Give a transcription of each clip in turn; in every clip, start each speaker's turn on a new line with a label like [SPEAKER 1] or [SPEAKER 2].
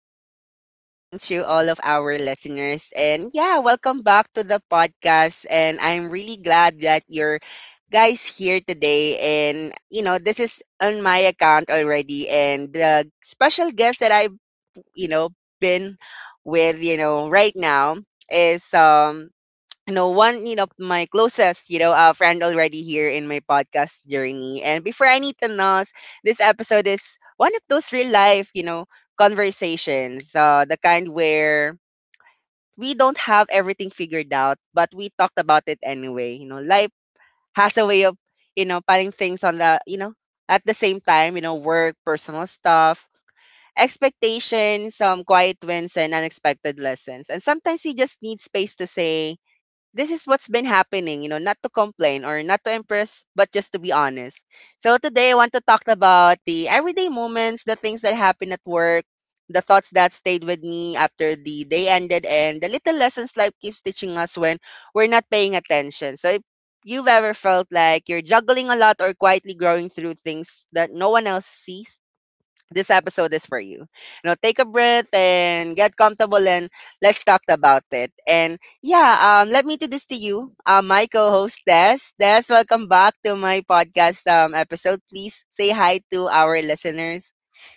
[SPEAKER 1] good afternoon, good evening to all of our listeners. And yeah, welcome back to the podcast. And I'm really glad that you're guys here today. And, you know, this is on my account already. And the special guest that I've, you know, been with, you know, right now is one, my closest, friend already here in my podcast journey. And before anything else, this episode is one of those real life, conversations, the kind where we don't have everything figured out, but we talked about it anyway. You know, life has a way of, putting things on the at the same time, you know, work, personal stuff, expectations, some quiet wins, and unexpected lessons. And sometimes you just need space to say, this is what's been happening, you know, not to complain or not to impress, but just to be honest. So today I want to talk about the everyday moments, the things that happen at work, the thoughts that stayed with me after the day ended, and the little lessons life keeps teaching us when we're not paying attention. So if you've ever felt like you're juggling a lot or quietly growing through things that no one else sees, this episode is for you. You know, take a breath and get comfortable and let's talk about it. And yeah, let me introduce to you my co-host Des. Des, welcome back to my podcast episode. Please say hi to our listeners.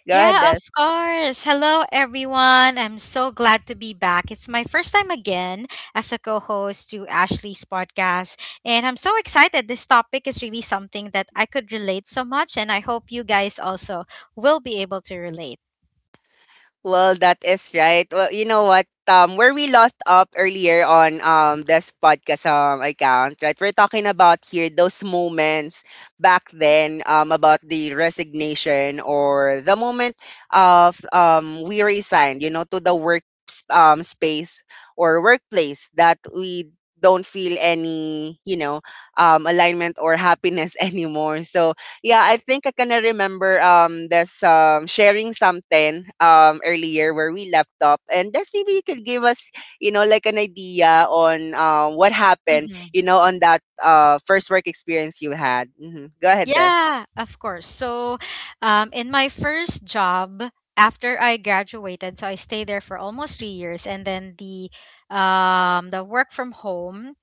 [SPEAKER 1] Go ahead,
[SPEAKER 2] Yeah,
[SPEAKER 1] Des.
[SPEAKER 2] of course. Hello, everyone. I'm so glad to be back. It's my first time again as a co host to Ashley's podcast. And I'm so excited. This topic is really something that I could relate so much. And I hope you guys also will be able to relate.
[SPEAKER 1] Well, that is right. Well, you know what? Where we lost up earlier on this podcast account, right? We're talking about here those moments back then about the resignation or the moment of we resigned, you know, to the work space or workplace that we don't feel any, alignment or happiness anymore. So yeah, I think I can remember this sharing something earlier where we left up and that's maybe you could give us, you know, like an idea on what happened,
[SPEAKER 2] Hmm.
[SPEAKER 1] you know, on that first work experience you had. Hmm. Go ahead, Des.
[SPEAKER 2] Yeah, of course. So, in my first job, after I graduated, so I stayed there for almost 3 years, and then the work from home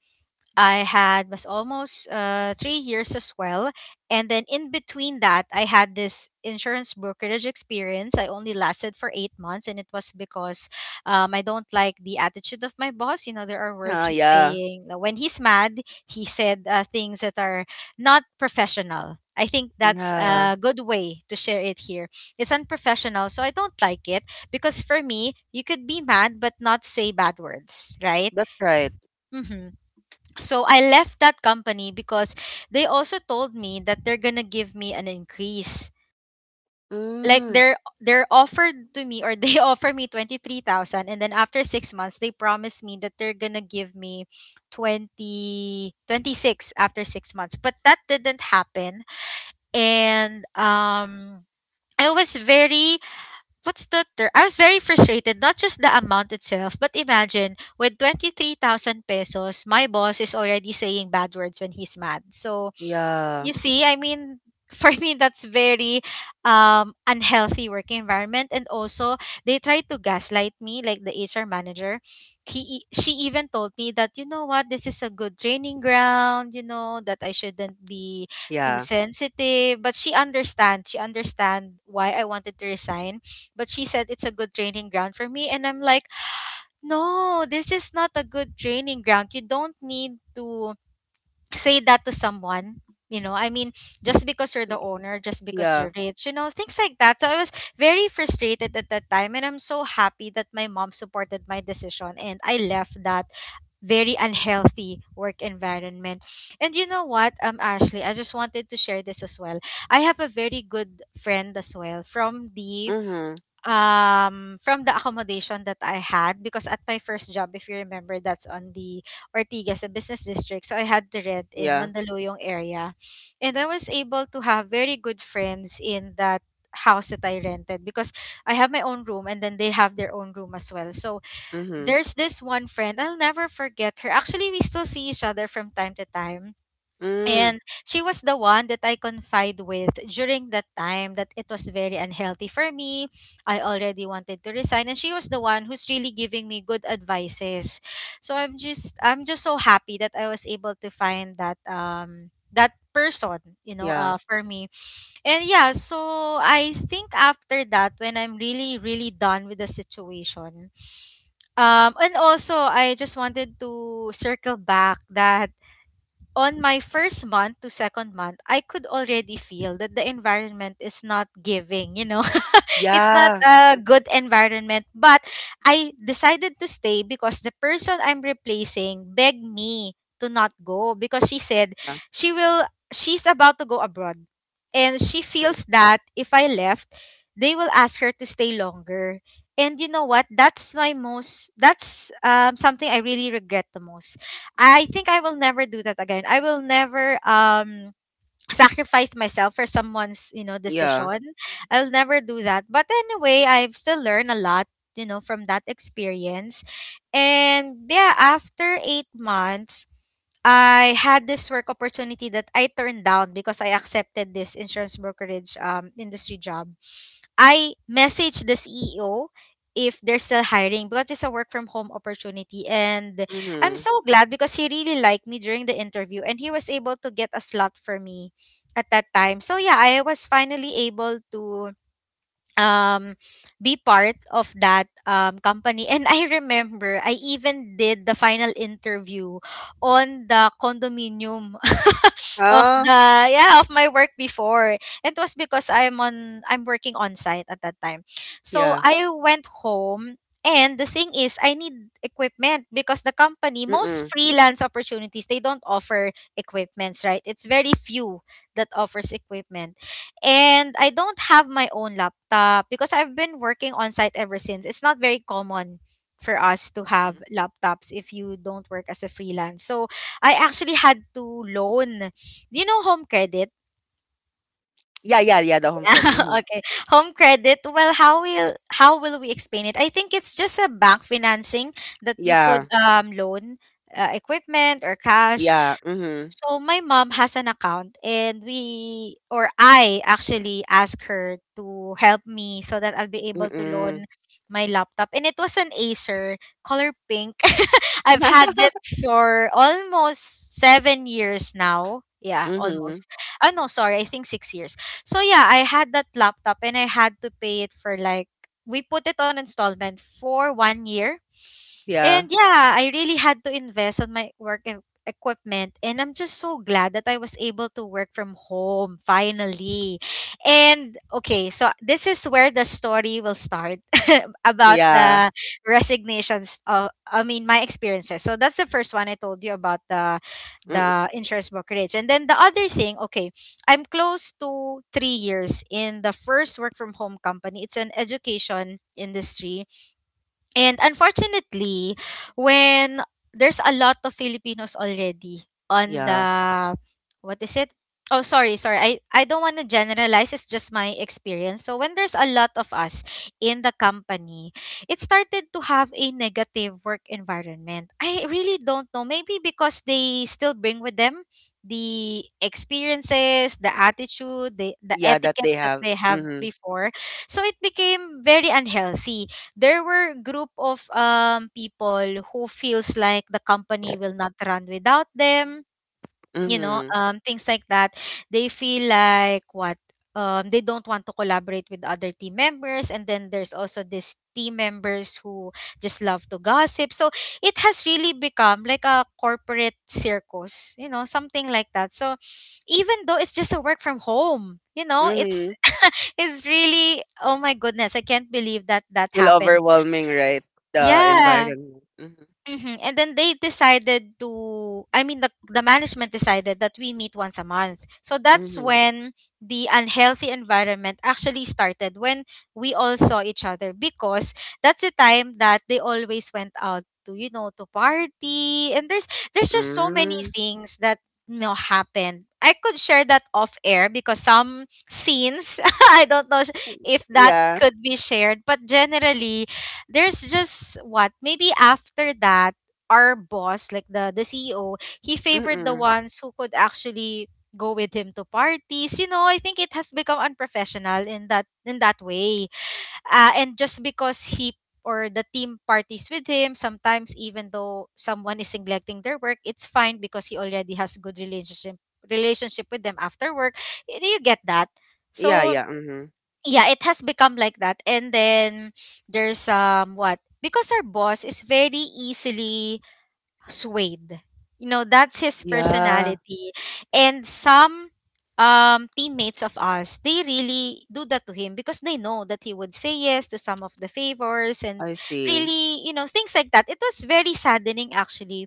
[SPEAKER 2] I had was almost 3 years as well. And then in between that, I had this insurance brokerage experience. I only lasted for 8 months, and it was because I don't like the attitude of my boss. You know, there are words
[SPEAKER 1] Oh
[SPEAKER 2] he's
[SPEAKER 1] yeah.
[SPEAKER 2] saying when he's mad, he said things that are not professional. I think that's
[SPEAKER 1] Yeah.
[SPEAKER 2] a good way to share it here. It's unprofessional, so I don't like it because for me, you could be mad but not say bad words, right?
[SPEAKER 1] That's right.
[SPEAKER 2] Hmm. So I left that company because they also told me that they're gonna give me an increase. Like
[SPEAKER 1] Mm,
[SPEAKER 2] they're offered to me or they offer me 23,000, and then after 6 months they promised me that they're gonna give me 2026 after 6 months. But that didn't happen. And I was very What's the term? I was very frustrated, not just the amount itself, but imagine with 23,000 pesos, my boss is already saying bad words when he's mad. So,
[SPEAKER 1] yeah.
[SPEAKER 2] you see, I mean, for me that's very unhealthy work environment. And also, they tried to gaslight me, like the HR manager, she even told me that, you know what, this is a good training ground, that I shouldn't be too
[SPEAKER 1] Yeah.
[SPEAKER 2] sensitive. But she understand why I wanted to resign. But she said it's a good training ground for me, and I'm like, no, this is not a good training ground. You don't need to say that to someone, you know. I mean, just because you're the owner, just because
[SPEAKER 1] Yeah.
[SPEAKER 2] you're rich, things like that. So I was very frustrated at that time, and I'm so happy that my mom supported my decision and I left that very unhealthy work environment. And you know what, Ashley, I just wanted to share this as well. I have a very good friend as well from the
[SPEAKER 1] Mm-hmm.
[SPEAKER 2] um from the accommodation that I had, because at my first job, if you remember, that's on the Ortigas, a business district, so I had to rent in
[SPEAKER 1] Yeah.
[SPEAKER 2] Mandaluyong area. And I was able to have very good friends in that house that I rented, because I have my own room and then they have their own room as well. So
[SPEAKER 1] Mm-hmm.
[SPEAKER 2] there's this one friend I'll never forget her, actually we still see each other from time to time.
[SPEAKER 1] Mm.
[SPEAKER 2] And she was the one that I confide with during that time, that it was very unhealthy for me. I already wanted to resign, and she was the one who's really giving me good advices. So I'm just so happy that I was able to find that person, you know,
[SPEAKER 1] Yeah.
[SPEAKER 2] uh for me. And yeah, so I think after that, when I'm really really done with the situation. And also, I just wanted to circle back that on my first month to second month, I could already feel that the environment is not giving, you know? It's not
[SPEAKER 1] Yeah.
[SPEAKER 2] a
[SPEAKER 1] Mm-hmm.
[SPEAKER 2] good environment. But I decided to stay because the person I'm replacing begged me to not go, because she said she will she's about to go abroad, and she feels that if I left, they will ask her to stay longer. And you know what? That's my most that's something I really regret the most. I think I will never do that again. I will never sacrifice myself for someone's you know
[SPEAKER 1] Yeah.
[SPEAKER 2] decision I'll never do that. But anyway, I've still learned a lot from that experience. And yeah, after 8 months, I had this work opportunity that I turned down because I accepted this insurance brokerage industry job. I message the CEO if they're still hiring, because it's a work from home opportunity. And I'm
[SPEAKER 1] Mm-hmm.
[SPEAKER 2] so glad because he really liked me during the interview, and he was able to get a slot for me at that time. So yeah, I was finally able to um be part of that company. And I remember I even did the final interview on the condominium of
[SPEAKER 1] Oh,
[SPEAKER 2] the yeah, of my work before. It was because I'm working on site at that time, so
[SPEAKER 1] yeah.
[SPEAKER 2] I went home. And the thing is, I need equipment, because the company, most
[SPEAKER 1] Mm-mm.
[SPEAKER 2] freelance opportunities, they don't offer equipments, right? It's very few that offers equipment. And I don't have my own laptop because I've been working on site ever since. It's not very common for us to have
[SPEAKER 1] Mm.
[SPEAKER 2] laptops if you don't work as a freelance. So I actually had to loan. Do you know Home Credit?
[SPEAKER 1] Yeah, yeah, yeah, the home credit. Hmm.
[SPEAKER 2] Okay. Home Credit. Well, how will we explain it? I think it's just a bank financing that you could
[SPEAKER 1] Yeah,
[SPEAKER 2] loan equipment or cash.
[SPEAKER 1] yeah. Mm-hmm.
[SPEAKER 2] So my mom has an account, and we or I actually asked her to help me so that I'll be able to loan
[SPEAKER 1] Mm-mm.
[SPEAKER 2] my laptop. And it was an Acer, color pink. I've had it for almost 7 years now. Yeah,
[SPEAKER 1] Mm-hmm.
[SPEAKER 2] almost. Oh no, sorry, I think 6 years. So yeah, I had that laptop, and I had to pay it for like we put it on installment for 1 year.
[SPEAKER 1] Yeah,
[SPEAKER 2] And yeah, I really had to invest on my work equipment, and I'm just so glad that I was able to work from home finally. And okay, so this is where the story will start about
[SPEAKER 1] yeah.
[SPEAKER 2] the resignations of, I mean, my experiences. So that's the first one I told you about, the
[SPEAKER 1] Mm-mm.
[SPEAKER 2] the insurance brokerage. And then the other thing, okay, I'm close to 3 years in the first work from home company. It's an education industry, and unfortunately, when there's a lot of Filipinos already on
[SPEAKER 1] Yeah,
[SPEAKER 2] the what is it? Oh, sorry, sorry. I don't want to generalize. It's just my experience. So when there's a lot of us in the company, it started to have a negative work environment. I really don't know. Maybe because they still bring with them the experiences, the attitude, the
[SPEAKER 1] yeah, that
[SPEAKER 2] etiquette
[SPEAKER 1] they
[SPEAKER 2] that
[SPEAKER 1] have.
[SPEAKER 2] they have
[SPEAKER 1] Mm-hmm.
[SPEAKER 2] before. So it became very unhealthy. There were group of people who feels like the company will not run without them you know
[SPEAKER 1] Mm-hmm.
[SPEAKER 2] um, things like that. They feel like what they don't want to collaborate with other team members. And then there's also these team members who just love to gossip. So it has really become like a corporate circus, something like that. So even though it's just a work from home, you know it's
[SPEAKER 1] Mm-hmm.
[SPEAKER 2] it's really, oh my goodness, I can't believe that
[SPEAKER 1] Still
[SPEAKER 2] happened.
[SPEAKER 1] overwhelming, right? The
[SPEAKER 2] Yeah.
[SPEAKER 1] environment. Mm-hmm.
[SPEAKER 2] Hmm. And then they decided to, I mean, the management decided that we meet once a month. So that's
[SPEAKER 1] Mm-hmm.
[SPEAKER 2] when the unhealthy environment actually started, when we all saw each other, because that's the time that they always went out to party. And there's just so many
[SPEAKER 1] Mm-hmm.
[SPEAKER 2] things that happened. I could share that off air because some scenes, I don't know if that
[SPEAKER 1] Yeah.
[SPEAKER 2] could be shared, but generally, there's just what maybe after that, our boss, like the CEO, he favored the
[SPEAKER 1] Mm-mm.
[SPEAKER 2] ones who could actually go with him to parties. I think it has become unprofessional in that way. And just because he or the team parties with him sometimes, even though someone is neglecting their work, it's fine because he already has good relationship with them after work. Do you get that?
[SPEAKER 1] Yeah,
[SPEAKER 2] So
[SPEAKER 1] yeah. Mm-hmm.
[SPEAKER 2] yeah, it has become like that. And then there's what because our boss is very easily swayed. That's his
[SPEAKER 1] Yeah,
[SPEAKER 2] personality. And some teammates of us, they really do that to him because they know that he would say yes to some of the favors and
[SPEAKER 1] I see.
[SPEAKER 2] really, things like that. It was very saddening actually.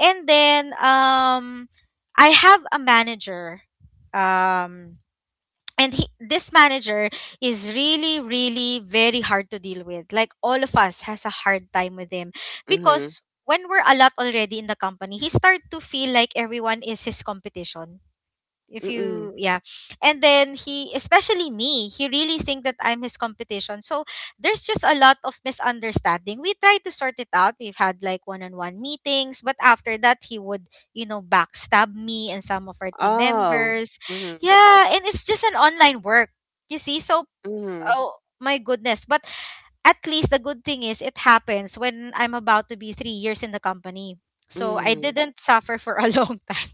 [SPEAKER 2] And then I have a manager. Um and he, this manager is really really very hard to deal with. Like, all of us has a hard time with him
[SPEAKER 1] Mm-hmm.
[SPEAKER 2] because when we're a lot already in the company, he start to feel like everyone is his competition. If
[SPEAKER 1] Mm-mm.
[SPEAKER 2] you Yeah. And then he, especially me, he really think that I'm his competition. So there's just a lot of misunderstanding. We tried to sort it out, we've had like one-on-one meetings, but after that he would backstab me and some of our team
[SPEAKER 1] Oh.
[SPEAKER 2] members.
[SPEAKER 1] Mm-hmm.
[SPEAKER 2] Yeah. And it's just an online work, you see. So,
[SPEAKER 1] Mm-hmm.
[SPEAKER 2] oh my goodness. But at least the good thing is it happens when I'm about to be 3 years in the company. So I
[SPEAKER 1] Mm-hmm.
[SPEAKER 2] didn't suffer for a long time.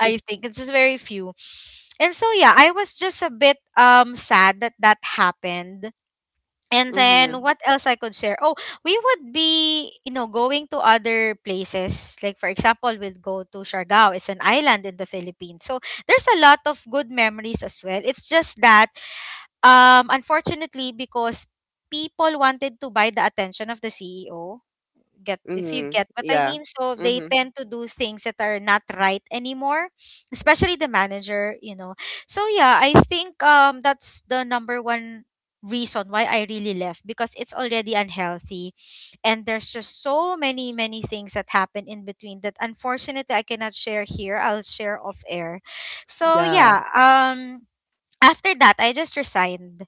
[SPEAKER 2] I think it's just very few. And so yeah, I was just a bit sad that that happened. And
[SPEAKER 1] Mm-hmm.
[SPEAKER 2] then what else I could share? Oh, we would be, you know, going to other places. Like, for example, we'll go to Siargao. It's an island in the Philippines. So there's a lot of good memories as well. It's just that unfortunately, because people wanted to buy the attention of the CEO, get if you
[SPEAKER 1] Mm-hmm.
[SPEAKER 2] get what I
[SPEAKER 1] Yeah.
[SPEAKER 2] mean, so they
[SPEAKER 1] Mm-hmm.
[SPEAKER 2] tend to do things that are not right anymore, especially the manager. So yeah, I think that's the number one reason why I really left because it's already unhealthy, and there's just so many many things that happen in between that unfortunately I cannot share here. I'll share off air. So
[SPEAKER 1] Yeah.
[SPEAKER 2] yeah, after that I just resigned.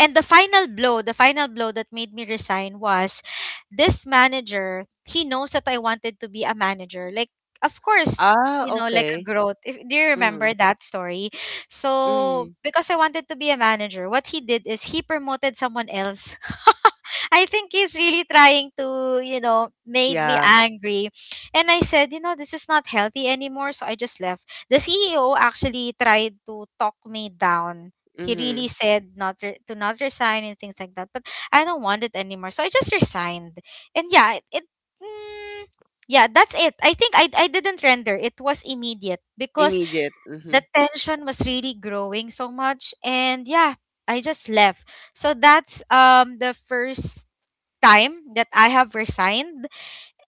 [SPEAKER 2] And the final blow that made me resign was this manager. He knows that I wanted to be a manager, like, of course,
[SPEAKER 1] Ah,
[SPEAKER 2] like a
[SPEAKER 1] okay.
[SPEAKER 2] growth. If, Do you remember
[SPEAKER 1] Mhm,
[SPEAKER 2] that story? So
[SPEAKER 1] mhm.
[SPEAKER 2] because I wanted to be a manager, what he did is he promoted someone else. I think he's really trying to, made me
[SPEAKER 1] Yeah,
[SPEAKER 2] angry. And I said, this is not healthy anymore, so I just left. The CEO actually tried to talk me down. He really
[SPEAKER 1] mhm.
[SPEAKER 2] said not to not resign and things like that, but I don't want it anymore, so I just resigned. And yeah, it mm, yeah, that's it. I think I didn't render. It was immediate because
[SPEAKER 1] Immediate,
[SPEAKER 2] the
[SPEAKER 1] mhm.
[SPEAKER 2] tension was really growing so much. And yeah, I just left. So that's the first time that I have resigned.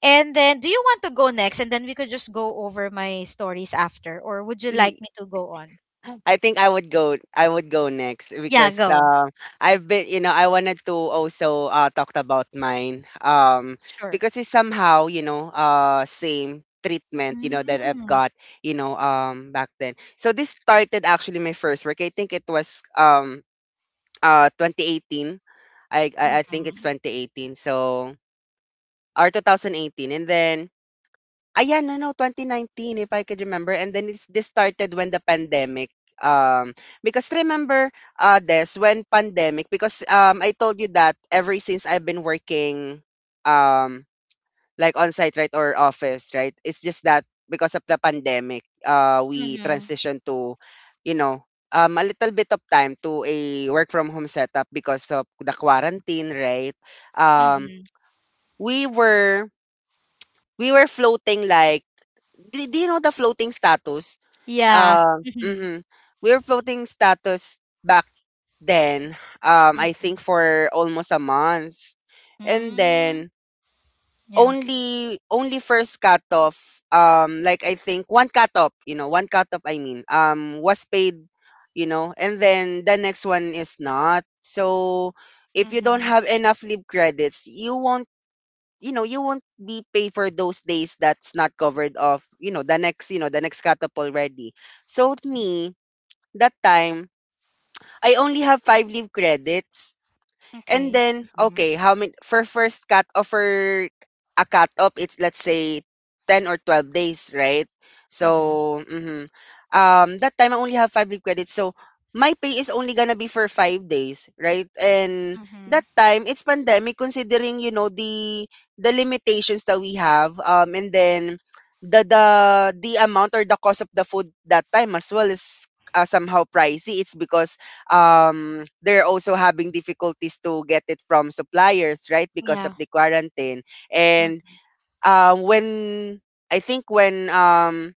[SPEAKER 2] And then do you want to go next, and then we could just go over my stories after, or would you like
[SPEAKER 1] Ye
[SPEAKER 2] me to go on?
[SPEAKER 1] I think I would go next
[SPEAKER 2] Yeah,
[SPEAKER 1] because,
[SPEAKER 2] go.
[SPEAKER 1] I've been I wanted to also, talked about mine,
[SPEAKER 2] Sure.
[SPEAKER 1] because it's somehow, you know, same treatment, you know, that I've
[SPEAKER 2] Mm.
[SPEAKER 1] got, you know, back then. So this started actually my first work. I think it was, 2018. I think it's
[SPEAKER 2] Mm.
[SPEAKER 1] 2018, so or 2018, and then Ayan, no, no, 2019 if I could remember, and then it's this started when the pandemic um because remember this when pandemic because I told you that ever since I've been working, um like on site, right, or office, right, it's just that because of the pandemic we
[SPEAKER 2] Mhm.
[SPEAKER 1] transitioned to, you know, a little bit of time, to a work from home setup because of the quarantine, right? um
[SPEAKER 2] Mhm.
[SPEAKER 1] we were we were floating like, do, do you know the floating status?
[SPEAKER 2] Yeah. Mhm.
[SPEAKER 1] Mhm. We were floating status back then. I think
[SPEAKER 2] Mhm.
[SPEAKER 1] for almost a month, and
[SPEAKER 2] Mm.
[SPEAKER 1] then
[SPEAKER 2] Yeah.
[SPEAKER 1] only first cutoff. Like I think one cutoff. You know, one cutoff. I mean, was paid. You know, and then the next one is not. So if you don't
[SPEAKER 2] Mhm.
[SPEAKER 1] have enough leave credits, you won't be paid for those days that's not covered off, you know, the next, you know, the next cut up already. So me, that time I only have 5 leave credits. And
[SPEAKER 2] Okay.
[SPEAKER 1] then,
[SPEAKER 2] Mhm.
[SPEAKER 1] okay, how many for first cut off, for a cut off, it's let's say 10 or 12 days, right?
[SPEAKER 2] Mhm.
[SPEAKER 1] So, mhm. That time I only have 5 leave credits. So, my pay is only gonna be for 5 days, right? And
[SPEAKER 2] Mhm.
[SPEAKER 1] that time it's pandemic, considering you know the limitations that we have, and then the the the amount or the cost of the food that time as well is somehow pricey. It's because, they're also having difficulties to get it from suppliers, right? Because of
[SPEAKER 2] Yeah.
[SPEAKER 1] the quarantine.
[SPEAKER 2] Mm.
[SPEAKER 1] And when I think when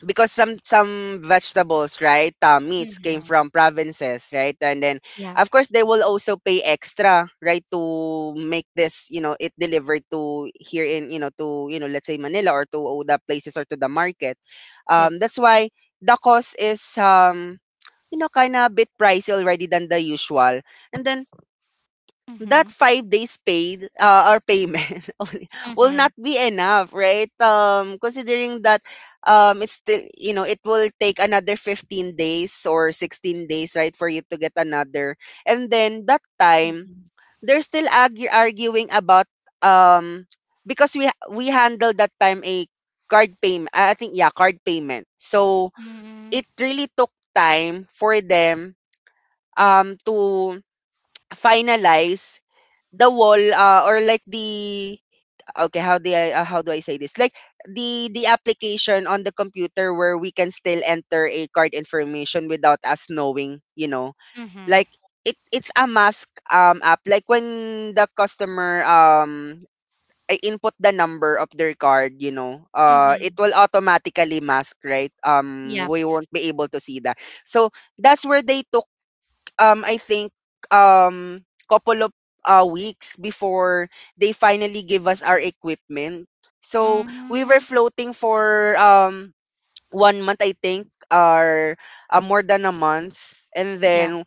[SPEAKER 1] because some vegetables, right, meats came
[SPEAKER 2] Mhm.
[SPEAKER 1] from provinces, right, and then
[SPEAKER 2] Yeah.
[SPEAKER 1] of course they will also pay extra, right, to make this, you know, it delivered to here in, you know, to you know, let's say Manila, or to the places or to the market.
[SPEAKER 2] Yep.
[SPEAKER 1] That's why the cost is you know, kind of bit pricey already than the usual. And then that
[SPEAKER 2] Mhm.
[SPEAKER 1] 5 days paid or payment only will
[SPEAKER 2] Mhm.
[SPEAKER 1] not be enough, right? Considering that, it's still, you know, it will take another 15 days or 16 days, right, for you to get another. And then that time,
[SPEAKER 2] Mhm.
[SPEAKER 1] they're still arguing about, um, because we handled that time a card payment. I think, yeah, card payment. So
[SPEAKER 2] Mhm.
[SPEAKER 1] it really took time for them to finalize the wall or like the okay how do I say this like the application on the computer where we can still enter a card information without us knowing, you know,
[SPEAKER 2] Mhm.
[SPEAKER 1] like it's a mask app, like when the customer I input the number of their card, you know, it
[SPEAKER 2] Mhm.
[SPEAKER 1] will automatically mask, right?
[SPEAKER 2] Yep.
[SPEAKER 1] We won't be able to see that. So that's where they took, I think um couple of weeks before they finally give us our equipment. So we were
[SPEAKER 2] Mhm.
[SPEAKER 1] floating for one month I think, or more than a month, and
[SPEAKER 2] Yep.
[SPEAKER 1] then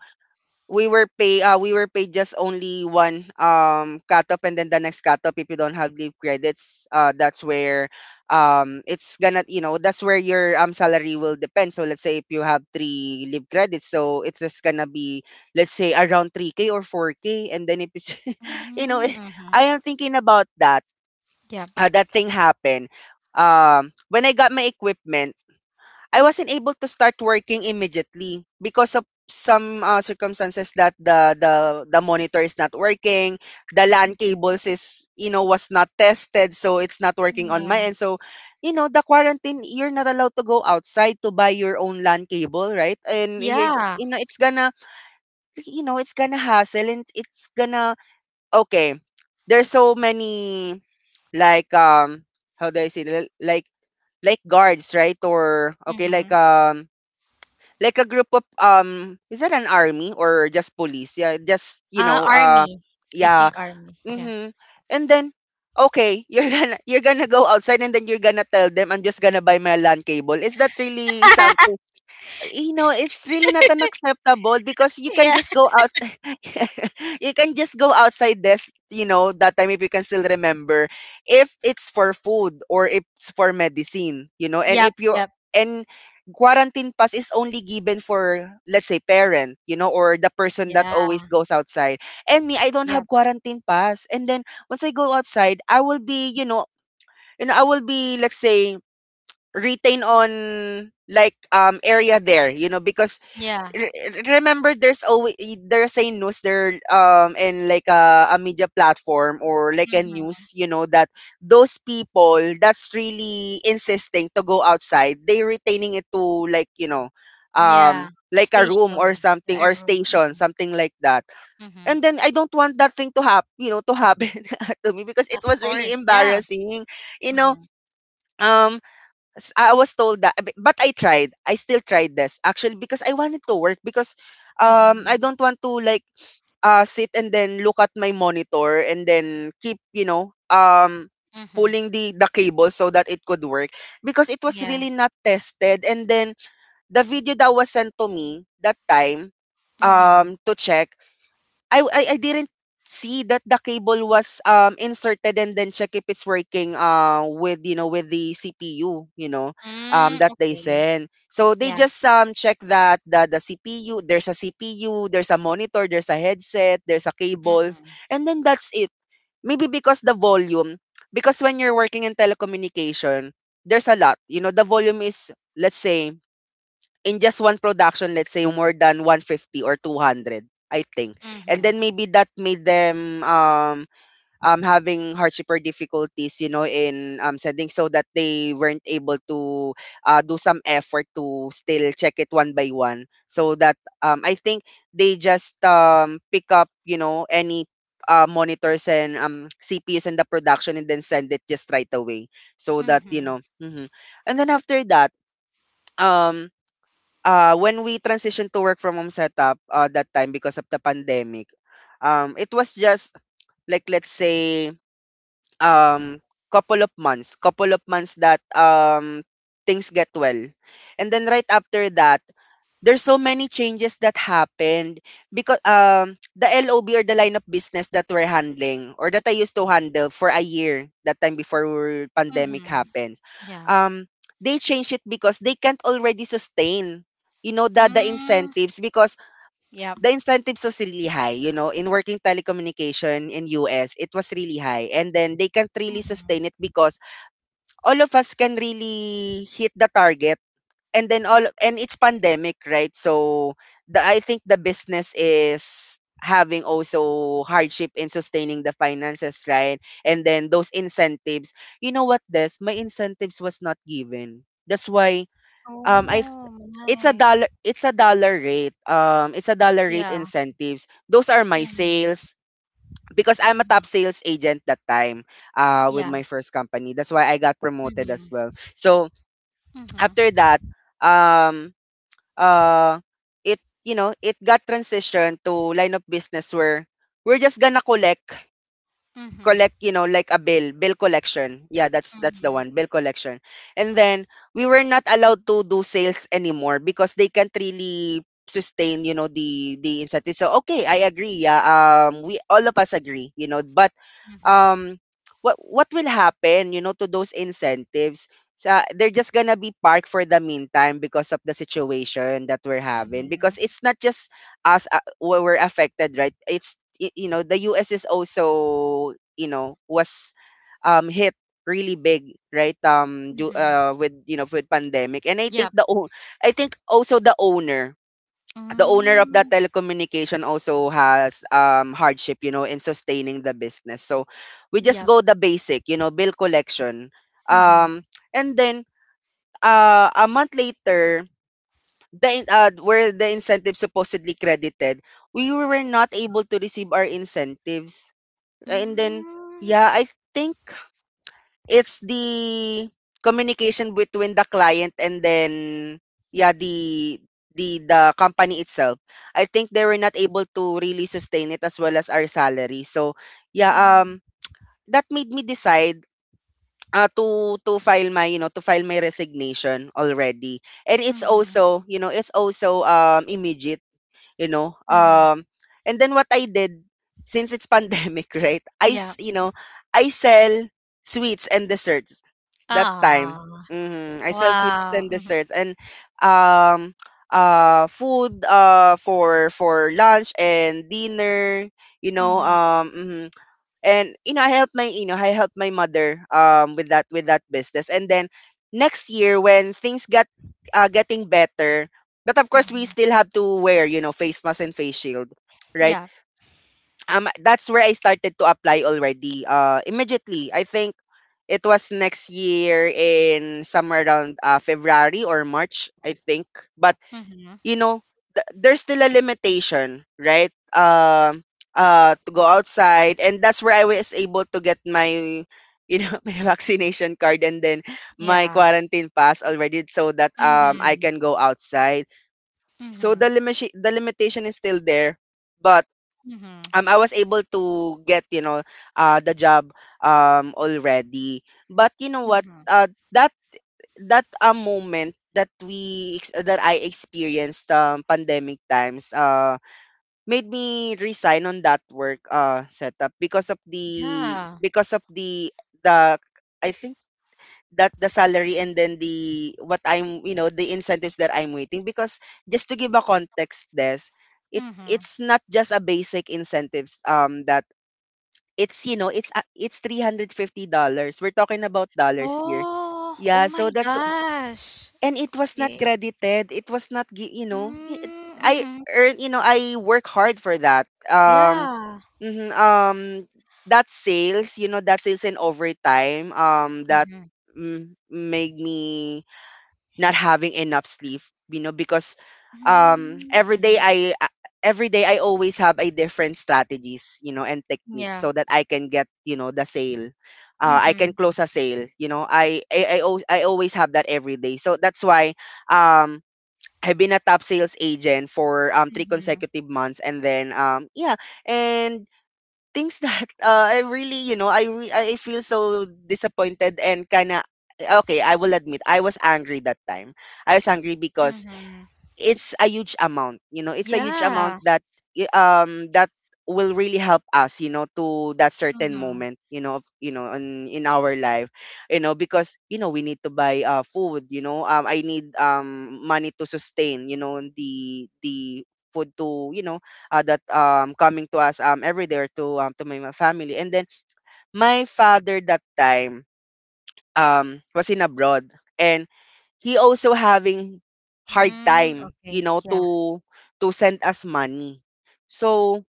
[SPEAKER 1] we were paid just only one cutoff, and then the next cutoff, if you don't have leave credits, that's where, it's gonna, you know, that's where your salary will depend. So let's say if you have three leave credits, so it's just gonna be let's say around 3k or 4k. And then if it's you know
[SPEAKER 2] Mhm. Mhm.
[SPEAKER 1] I am thinking about that
[SPEAKER 2] Yep.
[SPEAKER 1] that thing happened when I got my equipment. I wasn't able to start working immediately because of some circumstances that the monitor is not working, the LAN cables is you know was not tested, so it's not working on my
[SPEAKER 2] Yeah.
[SPEAKER 1] end. So, you know, the quarantine you're not allowed to go outside to buy your own LAN cable, right? And you
[SPEAKER 2] Yeah.
[SPEAKER 1] you know it's gonna, you know, it's gonna hassle and it's gonna okay. There's so many like how do I say like guards, right? Or okay,
[SPEAKER 2] Mhm.
[SPEAKER 1] like a group of, is that an army or just police, yeah, just, you
[SPEAKER 2] Uh,
[SPEAKER 1] know,
[SPEAKER 2] army. I
[SPEAKER 1] yeah
[SPEAKER 2] think army. Yeah.
[SPEAKER 1] mm-hmm. And then, okay, you're gonna you're gonna go outside and then you're gonna tell them, I'm just gonna buy my LAN cable. Is that really something, you know, it's really not unacceptable because you can
[SPEAKER 2] Yeah.
[SPEAKER 1] just go outside. You can just go outside this, you know, that time if you can still remember, if it's for food or if it's for medicine, you know, and
[SPEAKER 2] Yep.
[SPEAKER 1] if you
[SPEAKER 2] Yep.
[SPEAKER 1] and quarantine pass is only given for let's say parent, you know, or the person that always
[SPEAKER 2] Yeah.
[SPEAKER 1] goes outside. And me, I don't
[SPEAKER 2] Yep.
[SPEAKER 1] have quarantine pass. And then once I go outside, I will be, I will be let's say retain on like area there you know, because
[SPEAKER 2] Yeah.
[SPEAKER 1] re- remember there's always there's a news there in like a media platform or like a
[SPEAKER 2] Mhm.
[SPEAKER 1] news, you know, that those people that's really insisting to go outside, they retaining it to like, you know,
[SPEAKER 2] Yeah, a
[SPEAKER 1] like a room or
[SPEAKER 2] station,
[SPEAKER 1] something,
[SPEAKER 2] a
[SPEAKER 1] or
[SPEAKER 2] room.
[SPEAKER 1] station,
[SPEAKER 2] Mhm.
[SPEAKER 1] something like that. And
[SPEAKER 2] Mhm.
[SPEAKER 1] then I don't want that thing to happen, to me, because it
[SPEAKER 2] Of
[SPEAKER 1] was really
[SPEAKER 2] course, yeah.
[SPEAKER 1] embarrassing, you know.
[SPEAKER 2] Mhm.
[SPEAKER 1] um, I was told that, but I tried. I still tried this actually because I wanted to work. Because I
[SPEAKER 2] Mhm.
[SPEAKER 1] don't want to like sit and then look at my monitor and then keep
[SPEAKER 2] Mhm.
[SPEAKER 1] pulling the cable so that it could work, because it was
[SPEAKER 2] Yeah.
[SPEAKER 1] really not tested. And then the video that was sent to me that time
[SPEAKER 2] Mhm.
[SPEAKER 1] to check, I didn't see that the cable was inserted and then check if it's working with with the CPU,
[SPEAKER 2] Mm,
[SPEAKER 1] that they
[SPEAKER 2] okay.
[SPEAKER 1] send. So they
[SPEAKER 2] Yeah.
[SPEAKER 1] just check that the CPU, there's a CPU, there's a monitor, there's a headset, there's a cables,
[SPEAKER 2] Mhm.
[SPEAKER 1] and then that's it. Maybe because the volume, because when you're working in telecommunication, there's a lot, you know, the volume is, let's say, in just one production, let's say more than 150 or 200, I think. And
[SPEAKER 2] Mhm.
[SPEAKER 1] then maybe that made them having hardship or difficulties, you know, in sending, so that they weren't able to do some effort to still check it one by one. So that I think they just pick up, you know, any monitors and CPUs in the production and then send it just right away, so that
[SPEAKER 2] Mhm.
[SPEAKER 1] mhm. And then after that, um when we transitioned to work from home setup, that time because of the pandemic, it was just, like, let's say, um, couple of months that, things get well. And then right after that, there's so many changes that happened, because the LOB, or the line of business that we're handling, or that I used to handle for a year that time before pandemic
[SPEAKER 2] Mhm.
[SPEAKER 1] happens,
[SPEAKER 2] Yeah.
[SPEAKER 1] um they changed it because they can't already sustain, you know, the
[SPEAKER 2] Mm,
[SPEAKER 1] incentives. Because
[SPEAKER 2] yep.
[SPEAKER 1] the incentives was really high, you know, in working telecommunication in US it was really high, and then they can't really
[SPEAKER 2] Mhm.
[SPEAKER 1] sustain it, because all of us can really hit the target. And then all, and it's pandemic, right? So the, I think the business is having also hardship in sustaining the finances, right? And then those incentives. You know what, this my incentives was not given. That's why um I
[SPEAKER 2] Oh
[SPEAKER 1] th- it's a
[SPEAKER 2] my.
[SPEAKER 1] dollar rate. It's a dollar rate
[SPEAKER 2] Yeah.
[SPEAKER 1] incentives. Those are my
[SPEAKER 2] Mhm.
[SPEAKER 1] sales, because I'm a
[SPEAKER 2] Mhm.
[SPEAKER 1] top sales agent that time with
[SPEAKER 2] Yeah.
[SPEAKER 1] my first company. That's why I got promoted as
[SPEAKER 2] Mhm.
[SPEAKER 1] well. So
[SPEAKER 2] Mhm.
[SPEAKER 1] after that, um uh it, you know, it got transitioned to line of business where we're just gonna collect
[SPEAKER 2] Mhm.
[SPEAKER 1] collect, you know, like a bill collection. Yeah, that's the
[SPEAKER 2] Mhm.
[SPEAKER 1] one, bill collection. And then we were not allowed to do sales anymore, because they can't really sustain, you know, the incentive. So okay, I agree. Yeah, we all of us agree, you know, but,
[SPEAKER 2] Mhm.
[SPEAKER 1] um, what what will happen, you know, to those incentives? So they're just gonna be parked for the meantime, because of the situation that we're having. Because
[SPEAKER 2] Mhm.
[SPEAKER 1] it's not just us, were affected, right? You know, the US is also, you know, was hit really big, right,
[SPEAKER 2] Mhm.
[SPEAKER 1] with, you know, with pandemic. And I think
[SPEAKER 2] Yep.
[SPEAKER 1] I think also the owner, the owner of that
[SPEAKER 2] Mm,
[SPEAKER 1] telecommunication also has hardship, you know, in sustaining the business. So we just
[SPEAKER 2] yep.
[SPEAKER 1] go the basic, you know, bill collection.
[SPEAKER 2] Mhm.
[SPEAKER 1] Um and then a month later, where the incentive supposedly credited, we were not able to receive our incentives. And then,
[SPEAKER 2] Mm.
[SPEAKER 1] yeah, I think it's the communication between the client and then, yeah, the the company itself. I think they were not able to really sustain it as well as our salary. So, yeah,
[SPEAKER 2] Mm.
[SPEAKER 1] um that made me decide to file my, you know, to file my resignation already. And it's
[SPEAKER 2] Mhm.
[SPEAKER 1] also, you know, it's also immediate, you know.
[SPEAKER 2] Mhm.
[SPEAKER 1] And then what I did, since it's pandemic, right?
[SPEAKER 2] Yeah.
[SPEAKER 1] You know, I sell sweets and desserts that time.
[SPEAKER 2] Ah.
[SPEAKER 1] Hmm, I sell sweets and
[SPEAKER 2] Wow. Mhm.
[SPEAKER 1] desserts and, um food, for lunch and dinner, you know,
[SPEAKER 2] Mhm.
[SPEAKER 1] mhm. And you know, I helped my mother with that, with that business. And then next year when things got getting better, but of course we
[SPEAKER 2] Mhm.
[SPEAKER 1] still have to wear, you know, face mask and face shield, right,
[SPEAKER 2] Yeah.
[SPEAKER 1] that's where I started to apply already, immediately. I think it was next year, in somewhere around February or March, I think. But,
[SPEAKER 2] Mhm.
[SPEAKER 1] you know, there's still a limitation, right? To go outside, and that's where I was able to get my, you know, my vaccination card and then my
[SPEAKER 2] Yeah.
[SPEAKER 1] quarantine pass already, so that I
[SPEAKER 2] Mhm.
[SPEAKER 1] can go outside. So
[SPEAKER 2] Mhm.
[SPEAKER 1] the limitation is still there, but
[SPEAKER 2] Mhm.
[SPEAKER 1] I was able to get, you know, the job already. But you know what,
[SPEAKER 2] Mhm.
[SPEAKER 1] uh that that a moment that we that I experienced pandemic times made me resign on that work setup, because of the,
[SPEAKER 2] Yeah.
[SPEAKER 1] because of the, I think that the salary and then the what I'm, you know, the incentives that I'm waiting, because just to give a context, this,
[SPEAKER 2] Mhm.
[SPEAKER 1] it's not just a basic incentives, that it's, you know, it's $350. We're talking about dollars here,
[SPEAKER 2] Oh. Oh
[SPEAKER 1] yeah.
[SPEAKER 2] my
[SPEAKER 1] So that's,
[SPEAKER 2] gosh.
[SPEAKER 1] and it was not
[SPEAKER 2] Okay.
[SPEAKER 1] credited. It was not, you know, it,
[SPEAKER 2] Mm.
[SPEAKER 1] I
[SPEAKER 2] Mhm.
[SPEAKER 1] earn, you know, I work hard for that.
[SPEAKER 2] Yeah.
[SPEAKER 1] Mhm, um, that sales, you know, that sales and overtime, that,
[SPEAKER 2] Mhm.
[SPEAKER 1] made me not having enough sleep, you know, because um
[SPEAKER 2] Mm.
[SPEAKER 1] every day
[SPEAKER 2] Mhm.
[SPEAKER 1] I uh, every day I always have a different strategies, you know, and techniques
[SPEAKER 2] Yeah.
[SPEAKER 1] so that I can get, you know, the sale. I can
[SPEAKER 2] Mhm.
[SPEAKER 1] close a sale, you know. I always have that every day. So that's why um I've been a top sales agent for three
[SPEAKER 2] Mhm.
[SPEAKER 1] consecutive months, and then yeah. And things that I really, you know, I feel so disappointed, and kind of, okay, I will admit I was angry that time. I was angry because
[SPEAKER 2] Mhm.
[SPEAKER 1] it's a huge amount, you know, it's a huge amount
[SPEAKER 2] Yeah.
[SPEAKER 1] that that will really help us, you know, to that certain
[SPEAKER 2] Mhm.
[SPEAKER 1] moment, you know, of, you know, in our life. You know, because, you know, we need to buy food, you know, I need money to sustain, you know, the food to, you know, that coming to us every day, or to my, my family. And then my father that time was in abroad, and he also having hard
[SPEAKER 2] Mm.
[SPEAKER 1] time, you
[SPEAKER 2] Okay.
[SPEAKER 1] know,
[SPEAKER 2] Yeah.
[SPEAKER 1] to send us money. So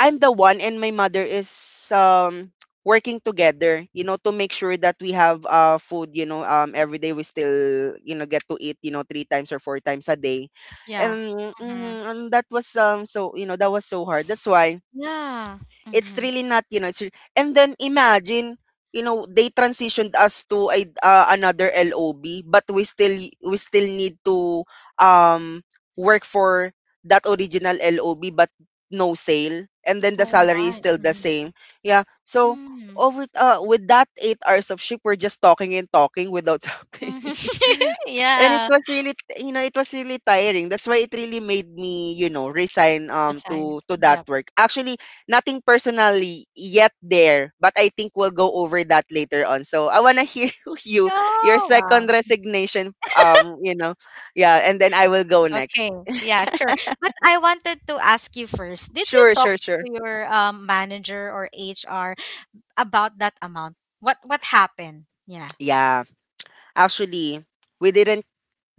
[SPEAKER 1] I'm the one, and my mother is um working together, you know, to make sure that we have food, you know, every day we still, you know, get to eat, you know, three times or four times a day.
[SPEAKER 2] Yeah.
[SPEAKER 1] And mhm,
[SPEAKER 2] Mhm.
[SPEAKER 1] and that was so, you know, that was so hard. That's why
[SPEAKER 2] Yeah.
[SPEAKER 1] it's
[SPEAKER 2] Mhm.
[SPEAKER 1] really not, you know, and then imagine, you know, they transitioned us to a, another LOB, but we still, we still need to um work for that original LOB, but no sale, and then the
[SPEAKER 2] Oh
[SPEAKER 1] salary is
[SPEAKER 2] my.
[SPEAKER 1] still the
[SPEAKER 2] Mhm.
[SPEAKER 1] same. Yeah. So
[SPEAKER 2] Mm.
[SPEAKER 1] over with that 8 hours of shift, we're just talking and talking without something.
[SPEAKER 2] Mhm.
[SPEAKER 1] And it
[SPEAKER 2] Yeah.
[SPEAKER 1] was really you know, it was really tiring. That's why it really made me, you know, resign
[SPEAKER 2] The sign.
[SPEAKER 1] to that
[SPEAKER 2] Yep.
[SPEAKER 1] work actually. Nothing personally yet there, but I think we'll go over that later on. So I wanna hear you, your
[SPEAKER 2] Oh, wow.
[SPEAKER 1] second resignation. You know, yeah, and then I will go next.
[SPEAKER 2] Okay. Yeah, sure. But I wanted to ask you first. Did you
[SPEAKER 1] Sure,
[SPEAKER 2] talk
[SPEAKER 1] sure, sure.
[SPEAKER 2] to your manager or HR about that amount? What happened? Yeah.
[SPEAKER 1] Yeah, actually, we didn't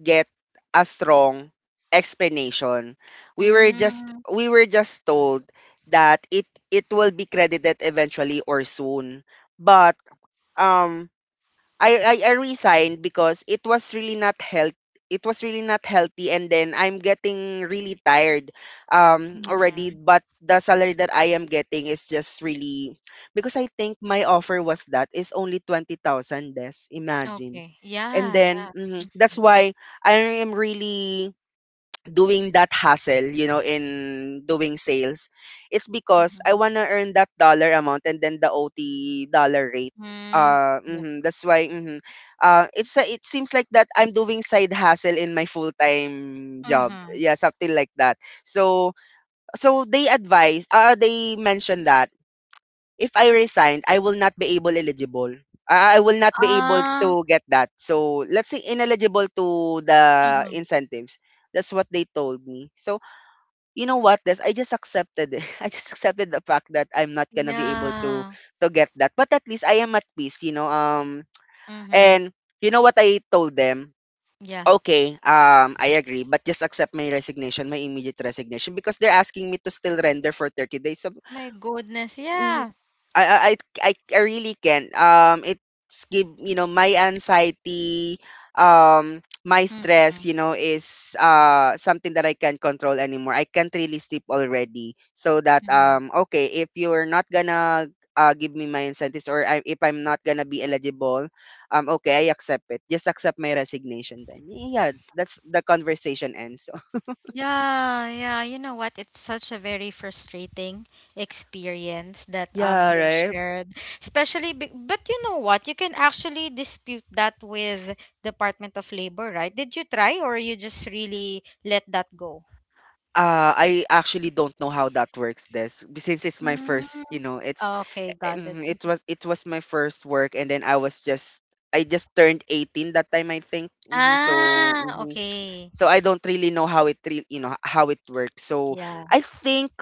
[SPEAKER 1] get a strong explanation.
[SPEAKER 2] Mm.
[SPEAKER 1] We were just told that it will be credited eventually or soon. But um I I resigned because it was really not health, it was really not healthy, and then I'm getting really tired already.
[SPEAKER 2] Mm-hmm.
[SPEAKER 1] But the salary that I am getting is just really, because I think my offer was that is only 20,000 less, imagine.
[SPEAKER 2] Okay.
[SPEAKER 1] And
[SPEAKER 2] Yeah,
[SPEAKER 1] then
[SPEAKER 2] yeah.
[SPEAKER 1] mhm, that's why I am really doing that hassle, you know, in doing sales. It's because I
[SPEAKER 2] Mm-hmm.
[SPEAKER 1] wanna earn that dollar amount, and then the OT dollar rate.
[SPEAKER 2] Mm. Yep.
[SPEAKER 1] Mhm, that's why. Mhm. It's a, it seems like that I'm doing side hustle in my full time job.
[SPEAKER 2] Mm-hmm.
[SPEAKER 1] Yeah, something like that. So, so they advise. They mentioned that if I resign, I will not be able eligible. I will not be able to
[SPEAKER 2] Ah.
[SPEAKER 1] get that. So let's say ineligible to the
[SPEAKER 2] Mm-hmm.
[SPEAKER 1] incentives. That's what they told me. So, you know what, this I just accepted it. I just accepted the fact that I'm not gonna be able
[SPEAKER 2] Yeah.
[SPEAKER 1] to get that. But at least I am at peace, you know.
[SPEAKER 2] Mm-hmm.
[SPEAKER 1] And you know what I told them?
[SPEAKER 2] Yeah.
[SPEAKER 1] Okay, I agree, but just accept my resignation, my immediate resignation, because they're asking me to still render for 30 days. So,
[SPEAKER 2] My goodness, yeah.
[SPEAKER 1] I I I I really can. It's give you know my anxiety, my stress.
[SPEAKER 2] Mhm,
[SPEAKER 1] You know, is something that I can't control anymore. I can't really sleep already. So that
[SPEAKER 2] mhm.
[SPEAKER 1] okay, if you're not gonna give me my incentives, or I, if I'm not gonna be eligible, okay, I accept it. Just accept my resignation then. Yeah, that's the conversation ends.
[SPEAKER 2] Yeah, yeah. You know what? It's such a very frustrating experience that
[SPEAKER 1] Yeah,
[SPEAKER 2] you've
[SPEAKER 1] right.
[SPEAKER 2] shared. Especially, be but you know what? You can actually dispute that with Department of Labor, right? Did you try, or you just really let that go?
[SPEAKER 1] I actually don't know how that works. This, since it's my
[SPEAKER 2] Mm,
[SPEAKER 1] first, you know, it's...
[SPEAKER 2] okay, got it.
[SPEAKER 1] Mhm, it
[SPEAKER 2] Mhm.
[SPEAKER 1] was my first work, and then I was just... I just turned 18 that time, I think. Hmm. So
[SPEAKER 2] Ah,
[SPEAKER 1] mhm.
[SPEAKER 2] okay.
[SPEAKER 1] So I don't really know how it you know how it works. So
[SPEAKER 2] Yeah.
[SPEAKER 1] I think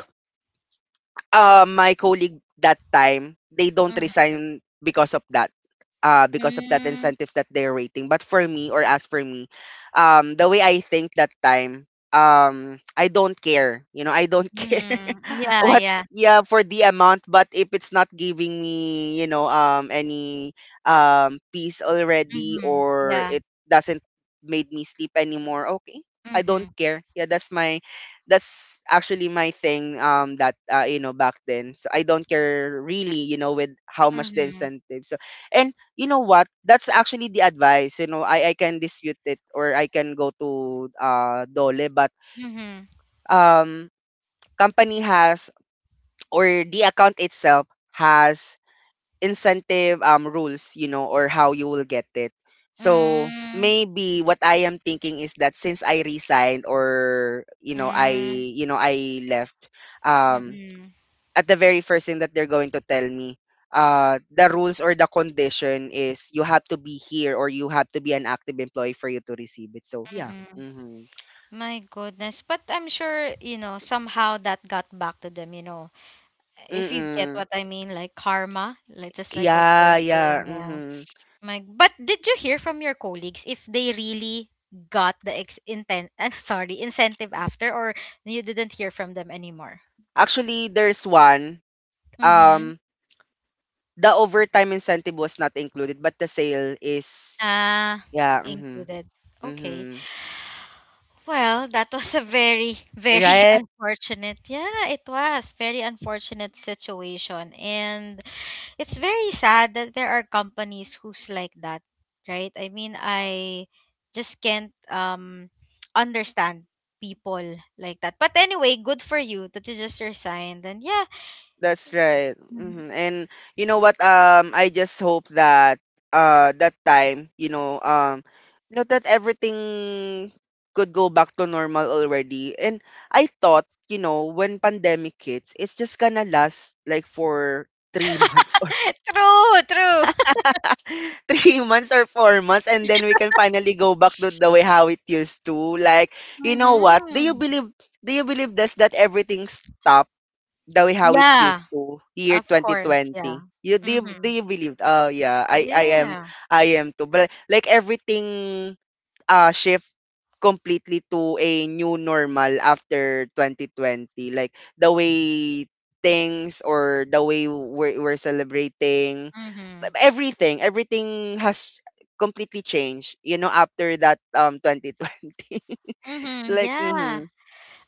[SPEAKER 1] my colleague that time, they don't
[SPEAKER 2] Mm-hmm.
[SPEAKER 1] resign because of that. Because of that incentives that they're waiting. But for me, or as for me, the way I think that time, I don't care. You know, I don't care
[SPEAKER 2] Mm-hmm. Yeah,
[SPEAKER 1] what,
[SPEAKER 2] yeah.
[SPEAKER 1] yeah, for the amount. But if it's not giving me, you know, any peace already,
[SPEAKER 2] Mm-hmm.
[SPEAKER 1] or
[SPEAKER 2] Yeah.
[SPEAKER 1] it doesn't made me sleep anymore, okay, I don't care. Yeah, that's my... that's actually my thing that you know, back then. So I don't care really, you know, with how much the
[SPEAKER 2] Mm-hmm.
[SPEAKER 1] incentive. So, and you know what, that's actually the advice. You know, I can dispute it, or I can go to DOLE, but
[SPEAKER 2] Mhm.
[SPEAKER 1] um company has, or the account itself has, incentive rules, you know, or how you will get it. So
[SPEAKER 2] Mm,
[SPEAKER 1] maybe what I am thinking is that, since I resigned, or you know, I...
[SPEAKER 2] mm,
[SPEAKER 1] you know, I left um
[SPEAKER 2] mm-mm,
[SPEAKER 1] at the very first thing that they're going to tell me the rules or the condition is you have to be here, or you have to be an active employee for you to receive it. So yeah.
[SPEAKER 2] mm-mm.
[SPEAKER 1] Mhm.
[SPEAKER 2] My goodness. But I'm sure, you know, somehow that got back to them, you know. If you get
[SPEAKER 1] Mm-mm.
[SPEAKER 2] what I mean, like karma, like just like what they're
[SPEAKER 1] Yeah, yeah.
[SPEAKER 2] saying. Yeah.
[SPEAKER 1] Mm-hmm.
[SPEAKER 2] My, but did you hear from your colleagues if they really got the ex intent, sorry, incentive after, or you didn't hear from them anymore?
[SPEAKER 1] Actually, there's one.
[SPEAKER 2] Mm-hmm.
[SPEAKER 1] Um, The overtime incentive was not included, but the sale is...
[SPEAKER 2] Ah,
[SPEAKER 1] yeah, mhm,
[SPEAKER 2] included. Okay.
[SPEAKER 1] mhm.
[SPEAKER 2] Well, that was a very, very
[SPEAKER 1] Right?
[SPEAKER 2] unfortunate. Yeah, it was very unfortunate situation, and it's very sad that there are companies who's like that, right? I mean, I just can't understand people like that. But anyway, good for you that you just resigned, and yeah,
[SPEAKER 1] That's right.
[SPEAKER 2] Mhm.
[SPEAKER 1] Mhm. And you know what? I just hope that that time, you know, you know, that everything could go back to normal already. And I thought, you know, when pandemic hits, it's just gonna last like for 3 months
[SPEAKER 2] True, true.
[SPEAKER 1] 3 months or 4 months, and then we can finally go back to the way how it used to. Like, you know what? Do you
[SPEAKER 2] Hmm.
[SPEAKER 1] believe... do you believe this, that everything stopped the way how it used
[SPEAKER 2] Yeah,
[SPEAKER 1] to year
[SPEAKER 2] of course. Yeah.
[SPEAKER 1] 2020? You... do you, do
[SPEAKER 2] Mm-hmm.
[SPEAKER 1] you believe? Oh yeah, I am...
[SPEAKER 2] Yeah.
[SPEAKER 1] I am too. But like, everything shift completely to a new normal after 2020. Like, the way things, or the way we're celebrating
[SPEAKER 2] Mm-hmm.
[SPEAKER 1] everything, everything has completely changed, you know, after that 2020.
[SPEAKER 2] Mm-hmm.
[SPEAKER 1] Like
[SPEAKER 2] Yeah.
[SPEAKER 1] mhm,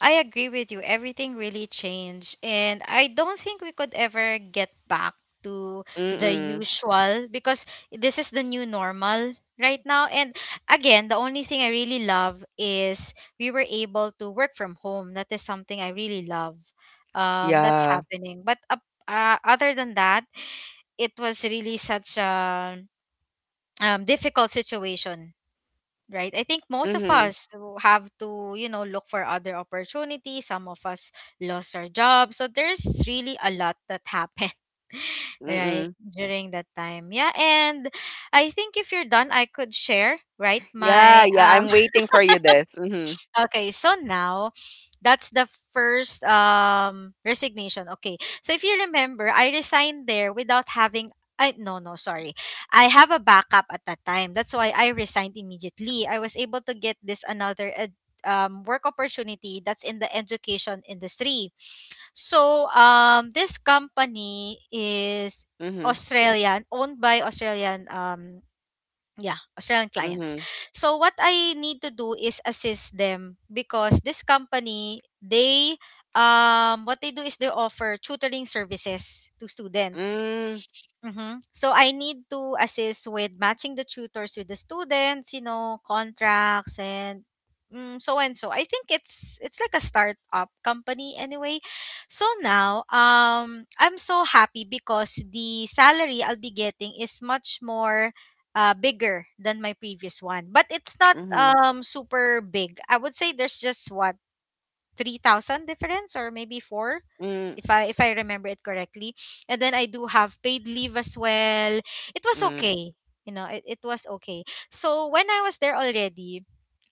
[SPEAKER 2] I agree with you. Everything really changed. And I don't think we could ever get back to the
[SPEAKER 1] mm,
[SPEAKER 2] usual because this is the new normal right now. And again, the only thing I really love is we were able to work from home. That is something I really love. That's
[SPEAKER 1] yeah,
[SPEAKER 2] happening. But other than that, it was really such a difficult situation. Right. I think most of
[SPEAKER 1] mhm,
[SPEAKER 2] us have to, look for other opportunities. Some of us lost our jobs. So there's really a lot that happened, right,
[SPEAKER 1] mm,
[SPEAKER 2] during that time. Yeah. And I think if you're done, I could share, right,
[SPEAKER 1] yeah,
[SPEAKER 2] my
[SPEAKER 1] yeah, I'm waiting for you this, mhm,
[SPEAKER 2] Okay, so now that's the first resignation. Okay. So if you remember, I resigned there without having I no no sorry. I have a backup at that time. That's why I resigned immediately. I was able to get this another work opportunity that's in the education industry. So this company is
[SPEAKER 1] mhm,
[SPEAKER 2] Australian, owned by Australian yeah, Australian clients.
[SPEAKER 1] mhm,
[SPEAKER 2] So what I need to do is assist them, because this company, they what they do is they offer tutoring services to students.
[SPEAKER 1] mm,
[SPEAKER 2] Mm-hmm. So I need to assist with matching the tutors with the students, contracts and so and so. I think it's like a startup company anyway. So now, I'm so happy because the salary I'll be getting is much more bigger than my previous one, but it's not
[SPEAKER 1] mhm,
[SPEAKER 2] super big. I would say there's just what 3,000 difference, or maybe four
[SPEAKER 1] mm,
[SPEAKER 2] if I remember it correctly. And then I do have paid leave as well. It was
[SPEAKER 1] mhm,
[SPEAKER 2] okay. You know, it was okay. So when I was there already,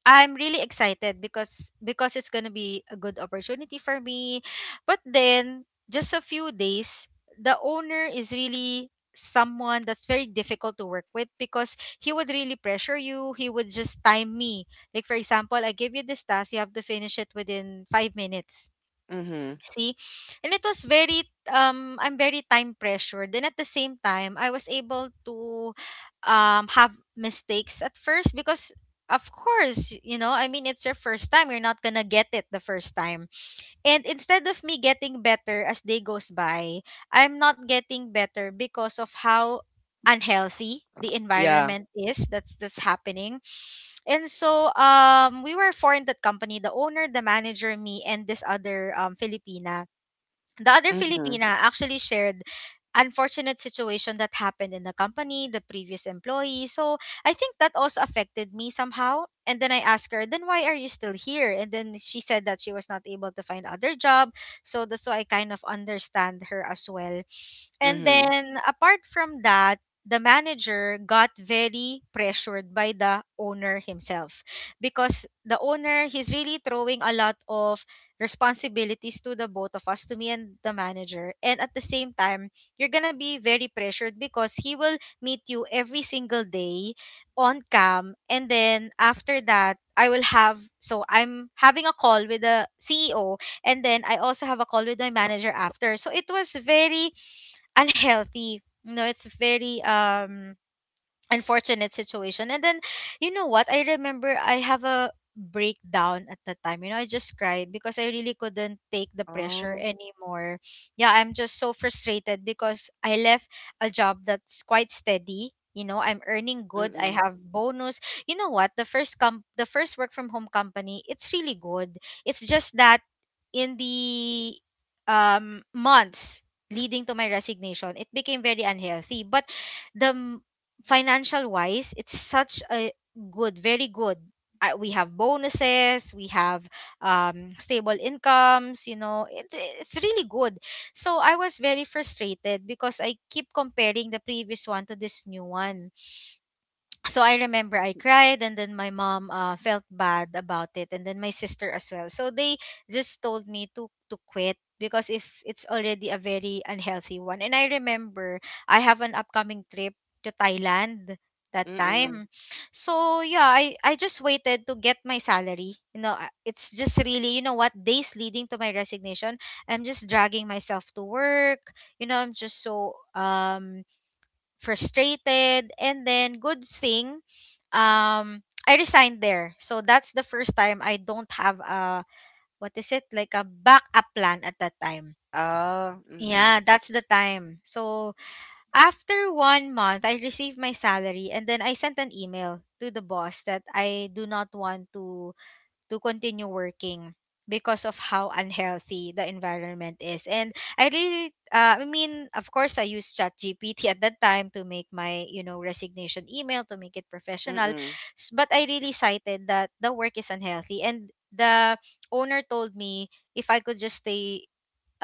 [SPEAKER 2] I'm really excited because it's gonna be a good opportunity for me. But then just a few days, the owner is really someone that's very difficult to work with because he would really pressure you. He would just time me. Like, for example, I give you this task, you have to finish it within 5 minutes.
[SPEAKER 1] mhm,
[SPEAKER 2] See? And it was very I'm very time pressured. And at the same time, I was able to have mistakes at first because of course, you know, I mean it's your first time, you're not going to get it the first time. And instead of me getting better as day goes by, I'm not getting better because of how unhealthy the
[SPEAKER 1] yeah,
[SPEAKER 2] environment is that's happening. And so we were four in that company, the owner, the manager, me, and this other Filipina. The other
[SPEAKER 1] mhm,
[SPEAKER 2] Filipina actually shared unfortunate situation that happened in the company, the previous employee. So I think that also affected me somehow. And then I asked her, then why are you still here? And then she said that she was not able to find other job. So that's why I kind of understand her as well. And
[SPEAKER 1] mhm,
[SPEAKER 2] then apart from that, the manager got very pressured by the owner himself because the owner, he's really throwing a lot of responsibilities to the both of us, to me and the manager. And at the same time, you're going to be very pressured because he will meet you every single day on cam. And then after that, I will have, so I'm having a call with the CEO, and then I also have a call with my manager after. So it was very unhealthy. You know, it's very unfortunate situation. And then, you know what? I remember I have a breakdown at the time. You know, I just cried because I really couldn't take the pressure
[SPEAKER 1] oh,
[SPEAKER 2] anymore. Yeah, I'm just so frustrated because I left a job that's quite steady. You know, I'm earning good. I
[SPEAKER 1] mhm,
[SPEAKER 2] have bonus. You know what? The first work from home company, it's really good. It's just that in the months leading to my resignation, it became very unhealthy. But the financial wise, it's such a good very good we have bonuses, we have stable incomes, it's really good. So I was very frustrated because I keep comparing the previous one to this new one. So I remember I cried, and then my mom felt bad about it, and then my sister as well. So they just told me to quit because if it's already a very unhealthy one. And I remember I have an upcoming trip to Thailand that
[SPEAKER 1] mhm,
[SPEAKER 2] time. So yeah, I just waited to get my salary. You know, it's just really what days leading to my resignation. I'm just dragging myself to work. I'm just so frustrated. And then, good thing, um, I resigned there. So that's the first time I don't have a, what is it, like a backup plan at that time.
[SPEAKER 1] ah, mhm,
[SPEAKER 2] Yeah, that's the time. So after one month, I received my salary and then I sent an email to the boss that I do not want to continue working because of how unhealthy the environment is. And I really, I mean, of course, I used ChatGPT at that time to make my, resignation email to make it professional.
[SPEAKER 1] mhm,
[SPEAKER 2] But I really cited that the work is unhealthy. And the owner told me if I could just stay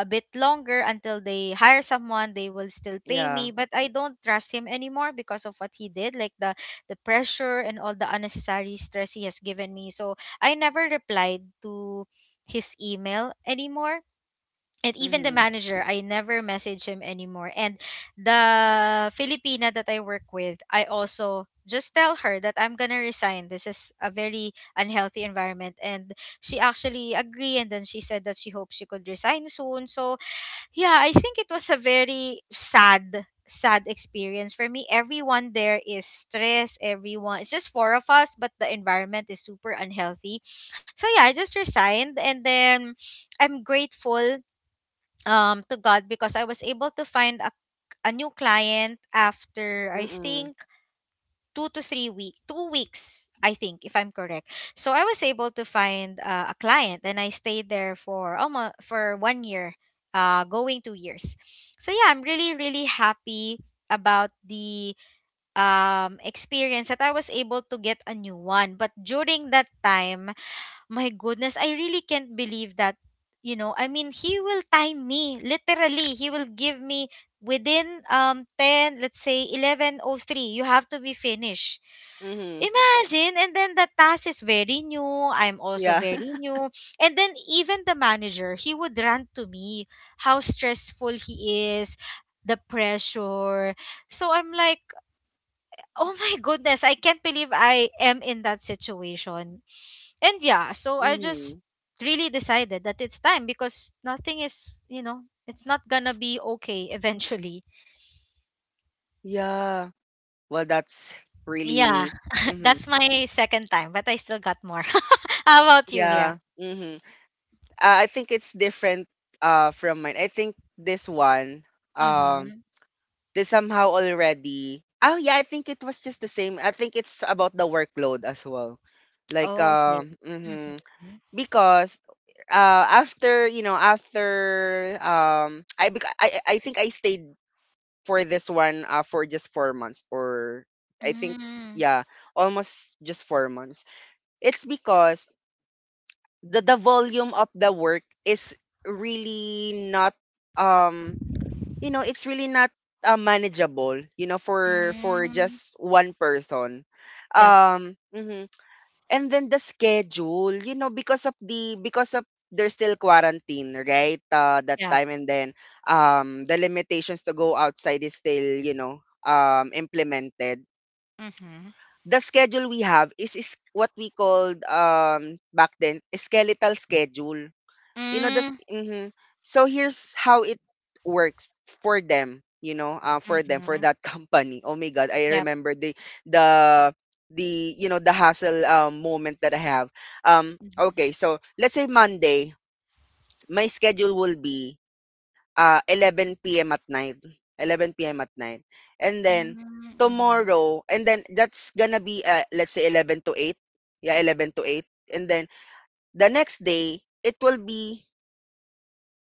[SPEAKER 2] a bit longer until they hire someone, they will still pay
[SPEAKER 1] yeah,
[SPEAKER 2] me, but I don't trust him anymore because of what he did, like the pressure and all the unnecessary stress he has given me. So I never replied to his email anymore. And even the
[SPEAKER 1] mhm,
[SPEAKER 2] manager, I never message him anymore. And the Filipina that I work with, I also just tell her that I'm gonna resign. This is a very unhealthy environment. And she actually agreed, and then she said that she hopes she could resign soon. So yeah, I think it was a very sad, sad experience for me. Everyone there is stressed. Everyone, it's just four of us, but the environment is super unhealthy. So yeah, I just resigned, and then I'm grateful to God because I was able to find a new client after I
[SPEAKER 1] mhm,
[SPEAKER 2] think two weeks, I think, if I'm correct. So I was able to find a client, and I stayed there for almost for one year, going two years. So yeah, I'm really really happy about the experience that I was able to get a new one. But during that time, my goodness, I really can't believe that, I mean, he will time me literally. He will give me within 10, let's say 1103, you have to be finished.
[SPEAKER 1] mhm,
[SPEAKER 2] Imagine, and then the task is very new. I'm also
[SPEAKER 1] yeah.
[SPEAKER 2] very new. And then even the manager, he would rant to me how stressful he is, the pressure. So I'm like, oh my goodness, I can't believe I am in that situation. And yeah, so I just
[SPEAKER 1] Mhm.
[SPEAKER 2] really decided that it's time because nothing is, it's not gonna be okay eventually.
[SPEAKER 1] Yeah. Well, that's
[SPEAKER 2] Yeah,
[SPEAKER 1] really hmm,
[SPEAKER 2] that's my second time, but I still got more. How about you? Yeah.
[SPEAKER 1] yeah. Hmm. I think it's different from mine. I think this one um
[SPEAKER 2] Mm-hmm.
[SPEAKER 1] this somehow already. Oh yeah, I think it was just the same. I think it's about the workload as well. Like
[SPEAKER 2] Oh, okay.
[SPEAKER 1] mhm.
[SPEAKER 2] Mm-hmm.
[SPEAKER 1] Because after, you know, after I I think I stayed for this one for just 4 months, or I think,
[SPEAKER 2] Mm,
[SPEAKER 1] yeah, almost just 4 months. It's because the volume of the work is really not um you know, it's really not manageable, you know, for
[SPEAKER 2] mm.
[SPEAKER 1] just one person.
[SPEAKER 2] Yep,
[SPEAKER 1] Mhm. And then the schedule, you know, because of the because of there's still quarantine, right? That
[SPEAKER 2] yep.
[SPEAKER 1] time. And then the limitations to go outside is still, you know, implemented.
[SPEAKER 2] Mm-hmm.
[SPEAKER 1] The schedule we have is what we called back then, skeletal schedule. You know this.
[SPEAKER 2] Mm,
[SPEAKER 1] Hmm. So here's how it works for them, you know, for them for
[SPEAKER 2] mm-hmm.
[SPEAKER 1] that company. Oh my God, I
[SPEAKER 2] Yep.
[SPEAKER 1] remember the the the you know, the hassle moment that I have. Okay,
[SPEAKER 2] Mm-hmm.
[SPEAKER 1] so let's say Monday, my schedule will be 11 p.m. at night, 11 p.m. at night, and then
[SPEAKER 2] Mm-hmm.
[SPEAKER 1] tomorrow, and then that's gonna be let's say 11 to 8, yeah, 11 to 8. And then the next day it will be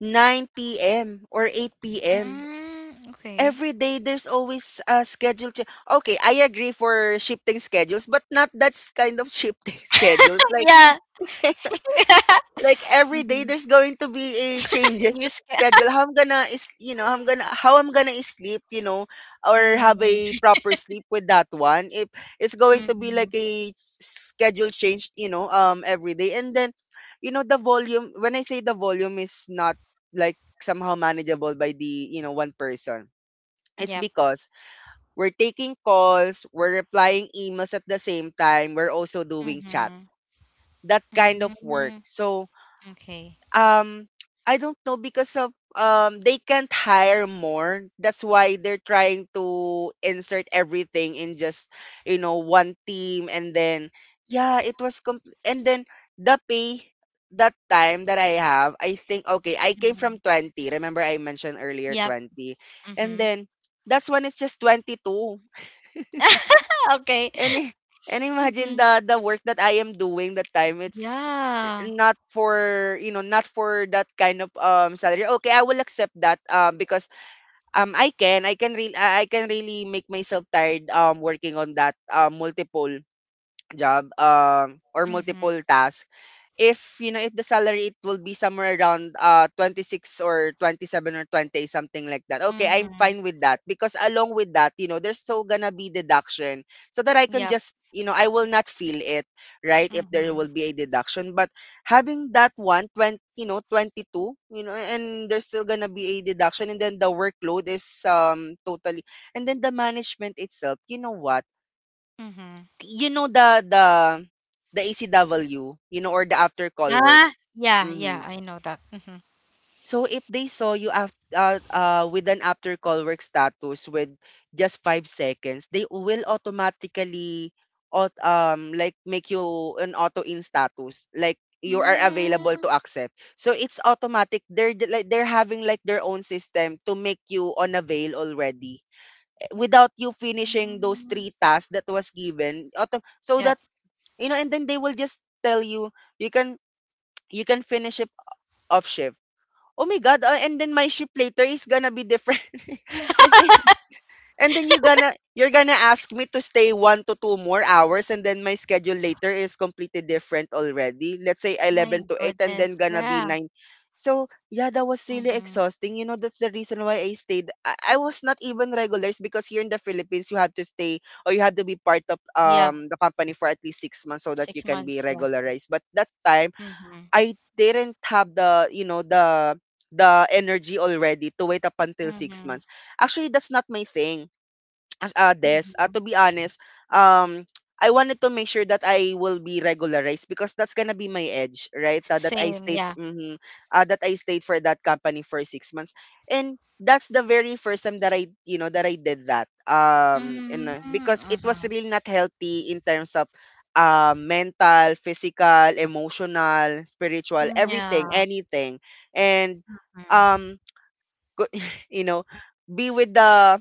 [SPEAKER 1] 9 p.m. or 8 p.m.
[SPEAKER 2] Mm, okay.
[SPEAKER 1] Every day there's always a schedule. Okay, I agree for shifting schedules, but not that kind of shifting schedules. Like
[SPEAKER 2] Yeah.
[SPEAKER 1] like every day
[SPEAKER 2] Mm-hmm.
[SPEAKER 1] there's going to be a changes to
[SPEAKER 2] News.
[SPEAKER 1] schedule, how I'm gonna is, you know, I'm gonna, how I'm gonna sleep, you know, or have a
[SPEAKER 2] Mm-hmm.
[SPEAKER 1] proper sleep with that one if it's going to be
[SPEAKER 2] Mm-hmm.
[SPEAKER 1] like a schedule change, you know, every day. And then you know the volume, when I say the volume is not like somehow manageable by the, you know, one person, it's
[SPEAKER 2] Yep.
[SPEAKER 1] because we're taking calls, we're replying emails, at the same time we're also doing chat,
[SPEAKER 2] Mm-hmm.
[SPEAKER 1] that kind of work.
[SPEAKER 2] Mm-hmm.
[SPEAKER 1] So
[SPEAKER 2] Okay.
[SPEAKER 1] um I don't know, because of they can't hire more. That's why they're trying to insert everything in just, you know, one team. And then yeah, it was and then the pay that time that I have, I think, okay, I came
[SPEAKER 2] Mm-hmm.
[SPEAKER 1] from 20. Remember I mentioned earlier
[SPEAKER 2] Yep.
[SPEAKER 1] 20. And
[SPEAKER 2] Mm-hmm.
[SPEAKER 1] then that's when it's just 22.
[SPEAKER 2] Okay.
[SPEAKER 1] And i- and imagine
[SPEAKER 2] Mm-hmm.
[SPEAKER 1] the work that I am doing that time. It's eh,
[SPEAKER 2] Yeah.
[SPEAKER 1] not for, you know, not for that kind of salary. Okay, I will accept that because I can really make myself tired working on that multiple job or
[SPEAKER 2] Mm-hmm.
[SPEAKER 1] multiple task, if, you know, if the salary it will be somewhere around 26 or 27 or 20 something like that, okay, I'm
[SPEAKER 2] Mm-hmm.
[SPEAKER 1] fine with that. Because along with that, you know, there's so gonna be deduction so that I can
[SPEAKER 2] Yep.
[SPEAKER 1] just, you know, I will not feel it, right, if there
[SPEAKER 2] Mm-hmm.
[SPEAKER 1] will be a deduction. But having that 120, you know, 22, you know, and there's still gonna be a deduction, and then the workload is totally... And then the management itself, you know what,
[SPEAKER 2] Mm-hmm.
[SPEAKER 1] you know, the the ACW, you know, or the after call.
[SPEAKER 2] Ah, yeah, yeah,
[SPEAKER 1] Mhm.
[SPEAKER 2] I know that. Mhm.
[SPEAKER 1] So if they saw you af with an after call work status with just 5 seconds, they will automatically aut like make you an auto in status, like you are available
[SPEAKER 2] Mm,
[SPEAKER 1] to accept. So it's automatic. They're like they're having like their own system to make you unavail already, eh, without you finishing those
[SPEAKER 2] mm,
[SPEAKER 1] three tasks that was given. Auto, so that,
[SPEAKER 2] yep.
[SPEAKER 1] you know, and then they will just tell you you can, you can finish it off shift. Oh my God, and then my shift later is gonna be different. Let's say, and then you're gonna ask me to stay 1 to 2 more hours, and then my schedule later is completely different already, let's say
[SPEAKER 2] My
[SPEAKER 1] 11 to 8, and
[SPEAKER 2] goodness.
[SPEAKER 1] then gonna be
[SPEAKER 2] Yeah.
[SPEAKER 1] 9. So yeah, that was really
[SPEAKER 2] Mm-hmm.
[SPEAKER 1] exhausting, you know, that's the reason why I stayed. I was not even regulars, because here in the Philippines, you had to stay, or you had to be part of
[SPEAKER 2] Yeah.
[SPEAKER 1] the company for at least 6 months so that you
[SPEAKER 2] Six
[SPEAKER 1] can be
[SPEAKER 2] months. Yeah.
[SPEAKER 1] regularized. But that time,
[SPEAKER 2] Mm-hmm.
[SPEAKER 1] I didn't have the, you know, the energy already to wait up until 6
[SPEAKER 2] Mm-hmm.
[SPEAKER 1] months. Actually, that's not my thing as Des,
[SPEAKER 2] Mm-hmm.
[SPEAKER 1] to be honest, um, I wanted to make sure that I will be regularized because that's gonna be my edge, right? That I
[SPEAKER 2] Same. Yeah.
[SPEAKER 1] stayed, mhm, that I stayed for that company for 6 months, and that's the very first time that I, you know, that I did that. And because it
[SPEAKER 2] Mm-hmm.
[SPEAKER 1] was really not healthy in terms of, mental, physical, emotional, spiritual,
[SPEAKER 2] Mm-hmm.
[SPEAKER 1] everything,
[SPEAKER 2] Yeah.
[SPEAKER 1] anything, and
[SPEAKER 2] Mm,
[SPEAKER 1] um, you know, be with the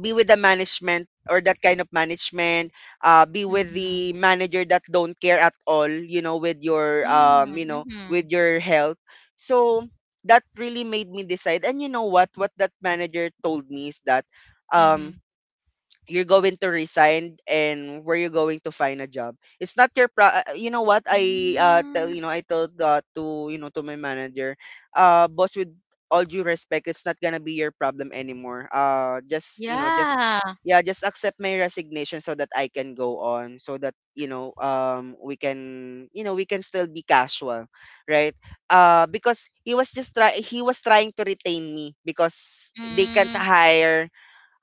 [SPEAKER 1] be with the management or that kind of management, be with
[SPEAKER 2] mm-hmm.
[SPEAKER 1] the manager that don't care at all, you know, with your
[SPEAKER 2] Mm-hmm.
[SPEAKER 1] with your health. So that really made me decide. And you know what that manager told me is that,
[SPEAKER 2] Mm-hmm.
[SPEAKER 1] um you're going to resign and where you're going to find a job, it's not your you know what I tell
[SPEAKER 2] Mm-hmm.
[SPEAKER 1] I told, to to my manager, boss, with all due respect, it's not gonna be your problem anymore. Just, just,
[SPEAKER 2] Yeah.
[SPEAKER 1] yeah, just accept my resignation so that I can go on, so that, we can, we can still be casual, right? Because he was just try he was trying to retain me because they can't
[SPEAKER 2] Mm.
[SPEAKER 1] hire,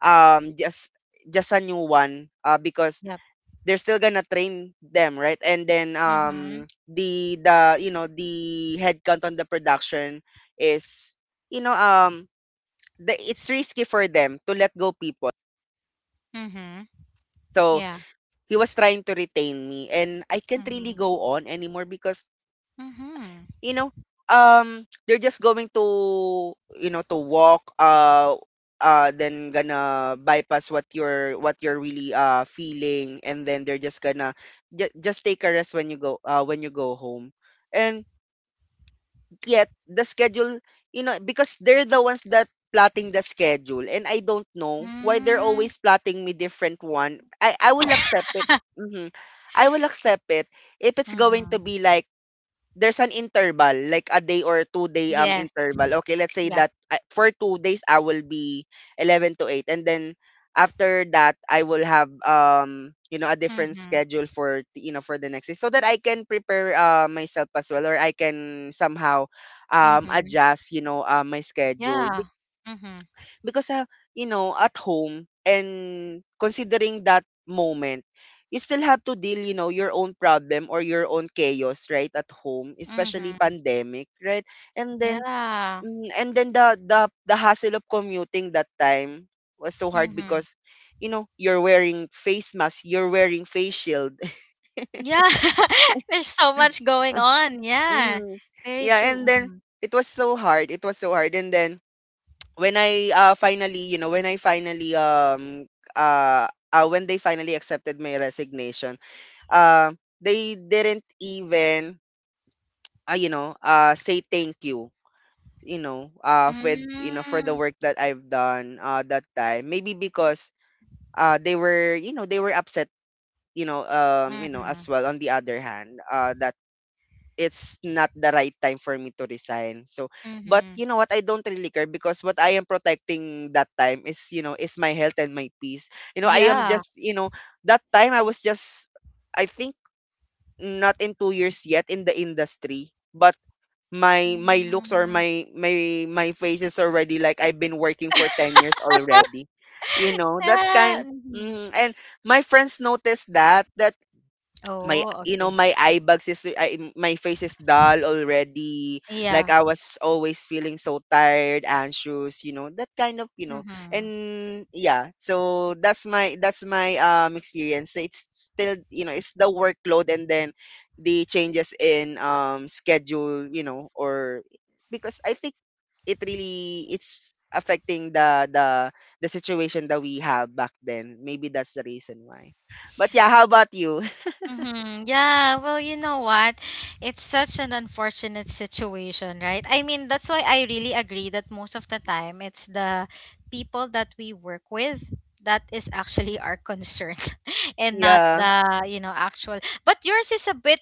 [SPEAKER 1] um just just a new one, because
[SPEAKER 2] Yep.
[SPEAKER 1] they're still gonna train them, right? And then,
[SPEAKER 2] Mm-hmm.
[SPEAKER 1] the the headcount on the production is, you know um it's risky for them to let go people.
[SPEAKER 2] Mm-hmm.
[SPEAKER 1] So
[SPEAKER 2] Yeah.
[SPEAKER 1] he was trying to retain me and I can't really
[SPEAKER 2] Mm-hmm.
[SPEAKER 1] go on anymore. Because
[SPEAKER 2] Mm-hmm.
[SPEAKER 1] you know, they're just going to, to walk, then gonna bypass what you're really, feeling. And then they're just gonna, just take a rest when you go home. And yet the schedule, you know, because they're the ones that plotting the schedule. And I don't know why they're
[SPEAKER 2] Mm.
[SPEAKER 1] always plotting me different one. I will accept it. hmm I will accept it if it's going to
[SPEAKER 2] Mm-hmm.
[SPEAKER 1] be like there's an interval, like a day or 2 day,
[SPEAKER 2] Yes.
[SPEAKER 1] interval. Okay, let's say
[SPEAKER 2] Yep.
[SPEAKER 1] that I for 2 days, I will be 11 to 8, and then after that, I will have, a different
[SPEAKER 2] Mm-hmm.
[SPEAKER 1] schedule for, for the next day so that I can prepare, myself as well, or I can somehow,
[SPEAKER 2] Mm-hmm.
[SPEAKER 1] adjust, my schedule.
[SPEAKER 2] Yeah. Mm-hmm.
[SPEAKER 1] Because, you know, at home and considering that moment, you still have to deal, your own problem or your own chaos, right, at home, especially
[SPEAKER 2] Mm-hmm.
[SPEAKER 1] pandemic, right? And then
[SPEAKER 2] Yeah.
[SPEAKER 1] and then the hassle of commuting that time was so hard
[SPEAKER 2] Mm-hmm.
[SPEAKER 1] because you know, you're wearing face mask, you're wearing face shield.
[SPEAKER 2] Yeah. There's so much going on. Yeah.
[SPEAKER 1] Mhm.
[SPEAKER 2] Very
[SPEAKER 1] Yeah,
[SPEAKER 2] true.
[SPEAKER 1] and then
[SPEAKER 2] Mm-hmm.
[SPEAKER 1] it was so hard. It was so hard, and then when I, finally, when I finally uh, when they finally accepted my resignation, uh they didn't even, say thank you, with for the
[SPEAKER 2] Mm-hmm.
[SPEAKER 1] work that I've done that time. Maybe because they were, you know, they were upset, as
[SPEAKER 2] Mm-hmm.
[SPEAKER 1] well, on the other hand, that it's not the right time for me to resign. So, but
[SPEAKER 2] Mm-hmm.
[SPEAKER 1] you know what? I don't really care because what I am protecting that time is, you know, is my health and my peace. You know, I am
[SPEAKER 2] Yeah.
[SPEAKER 1] just, you know, that time I was just, I think, not in 2 years yet in the industry, but my looks, or
[SPEAKER 2] Mm-hmm.
[SPEAKER 1] my face is already like I've been working for 10 years already. You know that
[SPEAKER 2] Ah,
[SPEAKER 1] kind.
[SPEAKER 2] mm-hmm.
[SPEAKER 1] Mm, and my friends noticed that my
[SPEAKER 2] Oh, okay.
[SPEAKER 1] my eye bags is my face is dull already, like
[SPEAKER 2] Yeah.
[SPEAKER 1] I was always feeling so tired, anxious, you know, that kind of, you know.
[SPEAKER 2] Mm-hmm.
[SPEAKER 1] And yeah, so that's my experience. So it's still, you know, it's the workload, and then the changes in schedule, you know, or because I think it really, it's affecting the situation that we have back then. Maybe that's the reason why. But yeah, how about you?
[SPEAKER 2] Mm-hmm. Yeah, well, you know what? It's such an unfortunate situation, right? I mean, that's why I really agree that most of the time it's the people that we work with that is actually our concern and not
[SPEAKER 1] Yeah.
[SPEAKER 2] the, you know, actual. But yours is a bit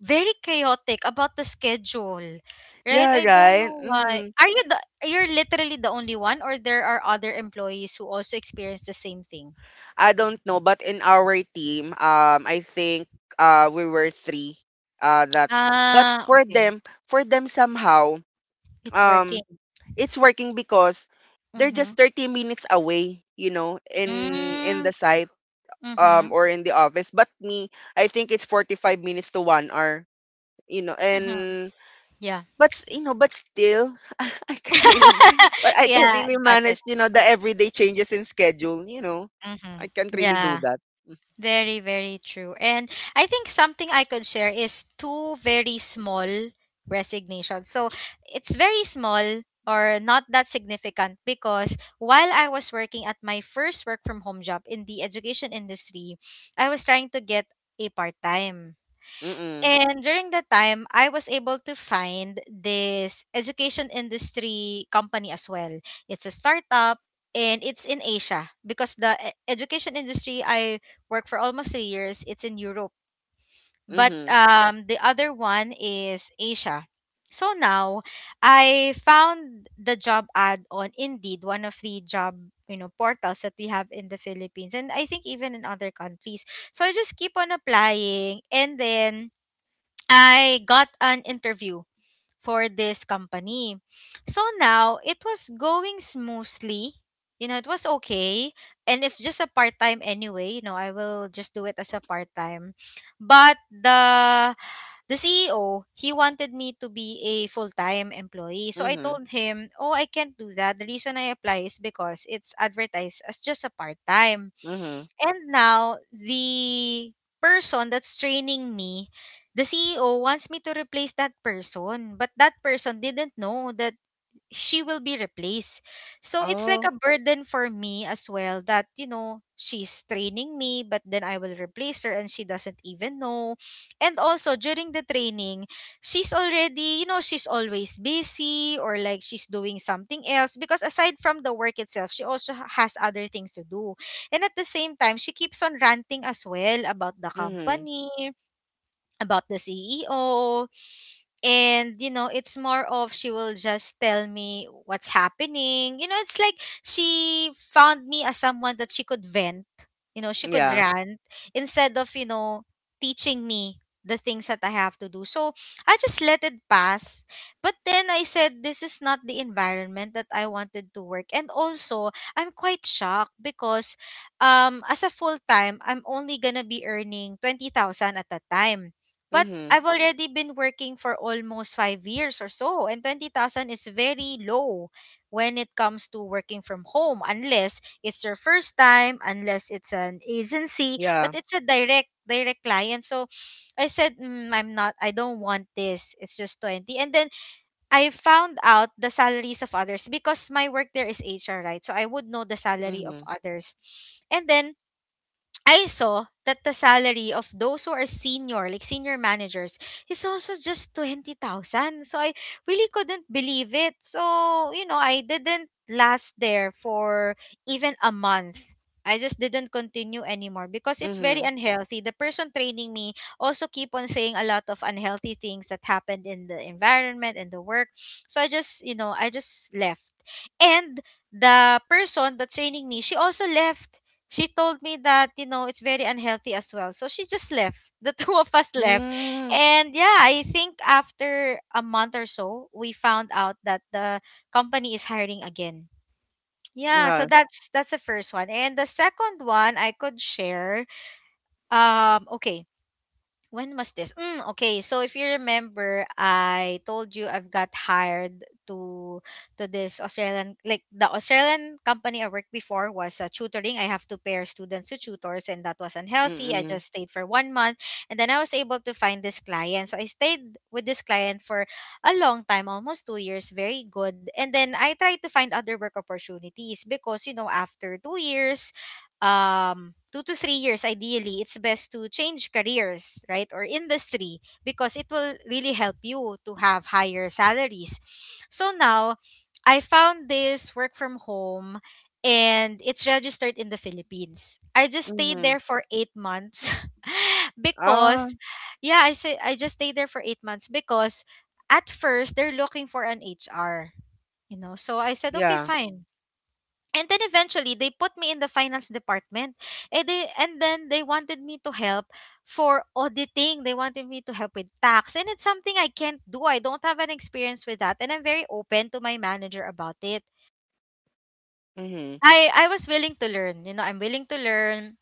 [SPEAKER 2] very chaotic about the schedule, right?
[SPEAKER 1] Yeah,
[SPEAKER 2] I don't
[SPEAKER 1] right.
[SPEAKER 2] know why. Are you the you're literally the only one, or there are other employees who also experience the same thing?
[SPEAKER 1] I don't know, but in our team, I think we were three. Uh, that, but
[SPEAKER 2] Ah, okay.
[SPEAKER 1] for them somehow,
[SPEAKER 2] It's working.
[SPEAKER 1] um, it's working because they're
[SPEAKER 2] Mm-hmm.
[SPEAKER 1] just 30 minutes away, you know, in
[SPEAKER 2] Mm,
[SPEAKER 1] the site,
[SPEAKER 2] mhm,
[SPEAKER 1] or in the office. But me, I think it's 45 minutes to one hour, you know.
[SPEAKER 2] mhm.
[SPEAKER 1] And
[SPEAKER 2] Yeah.
[SPEAKER 1] But s you know, but still, I can't really but I can't
[SPEAKER 2] Yeah,
[SPEAKER 1] really
[SPEAKER 2] got it.
[SPEAKER 1] manage, you know, the everyday changes in schedule, you know. I
[SPEAKER 2] Mhm.
[SPEAKER 1] can't really do
[SPEAKER 2] Yeah.
[SPEAKER 1] that.
[SPEAKER 2] Very, very true. And I think something I could share is two very small resignations. So it's very small or not that significant because while I was working at my first work from home job in the education industry, I was trying to get a part time.
[SPEAKER 1] Mm-mm.
[SPEAKER 2] And during that time, I was able to find this education industry company as well. It's a startup, and it's in Asia, because the education industry I work for almost three years, it's in Europe. But
[SPEAKER 1] Mhm.
[SPEAKER 2] the other one is Asia. So now I found the job ad on Indeed, one of the job, portals that we have in the Philippines, and I think even in other countries. So I just keep on applying, and then I got an interview for this company. So now it was going smoothly. You know, it was okay. And it's just a part time anyway. You know, I will just do it as a part time. But the CEO, he wanted me to be a full-time employee. So I
[SPEAKER 1] Mhm.
[SPEAKER 2] told him, "Oh, I can't do that. The reason I apply is because it's advertised as just a part-time."
[SPEAKER 1] Mhm.
[SPEAKER 2] And now the person that's training me, the CEO wants me to replace that person, but that person didn't know that she will be replaced. So it's like
[SPEAKER 1] Oh.
[SPEAKER 2] a burden for me as well that, you know, she's training me, but then I will replace her, and she doesn't even know. And also during the training, she's already, you know, she's always busy, or like she's doing something else, because aside from the work itself, she also has other things to do. And at the same time, she keeps on ranting as well about the
[SPEAKER 1] Mhm.
[SPEAKER 2] company, about the CEO. And, you know, it's more of she will just tell me what's happening. You know, it's like she found me as someone that she could vent, you know, she could
[SPEAKER 1] Yeah.
[SPEAKER 2] rant, instead of, you know, teaching me the things that I have to do. So I just let it pass. But then I said, this is not the environment that I wanted to work. And also, I'm quite shocked because as a full time, I'm only gonna be earning 20,000 at that time. But
[SPEAKER 1] Mhm.
[SPEAKER 2] I've already been working for almost five years or so, and 20,000 is very low when it comes to working from home, unless it's your first time, unless it's an agency, but
[SPEAKER 1] Yeah.
[SPEAKER 2] it's a direct client. So I said, mm, I'm not, I don't want this. It's just 20. And then I found out the salaries of others because my work there is HR, right? So I would know the salary of
[SPEAKER 1] Mhm.
[SPEAKER 2] others. And then I saw that the salary of those who are senior, like senior managers, is also just 20,000. So I really couldn't believe it. So, you know, I didn't last there for even a month. I just didn't continue anymore because it's very
[SPEAKER 1] Mhm.
[SPEAKER 2] unhealthy. The person training me also keep on saying a lot of unhealthy things that happened in the environment and the work. So I just, you know, I just left. And the person that's training me, she also left. She told me that, you know, it's very unhealthy as well. So she just left. The two of us left.
[SPEAKER 1] Mm.
[SPEAKER 2] And yeah, I think after a month or so, we found out that the company is hiring again. Yeah, so
[SPEAKER 1] Uh,
[SPEAKER 2] that's the first one. And the second one I could share, okay, when was this? Mm, okay, so if you remember, I told you I've got hired to this Australian, like the Australian company I worked before was tutoring. I have to pair students to tutors, and that was unhealthy. I
[SPEAKER 1] mm-mm.
[SPEAKER 2] just stayed for one month, and then I was able to find this client. So I stayed with this client for a long time, almost two years, very good. And then I tried to find other work opportunities because, you know, after two years, two to three years, ideally it's best to change careers, right, or industry, because it will really help you to have higher salaries. So now I found this work from home, and it's registered in the Philippines. I just stayed
[SPEAKER 1] Mhm.
[SPEAKER 2] there for eight months
[SPEAKER 1] Ah,
[SPEAKER 2] because, yeah, I say I just stayed there for eight months because at first they're looking for an HR, you know, so I said okay,
[SPEAKER 1] yeah.
[SPEAKER 2] fine. And then eventually they put me in the finance department. And they and then they wanted me to help for auditing. They wanted me to help with tax. And it's something I can't do. I don't have an experience with that. And I'm very open to my manager about it.
[SPEAKER 1] Mhm.
[SPEAKER 2] I was willing to learn. You know, I'm willing to learn.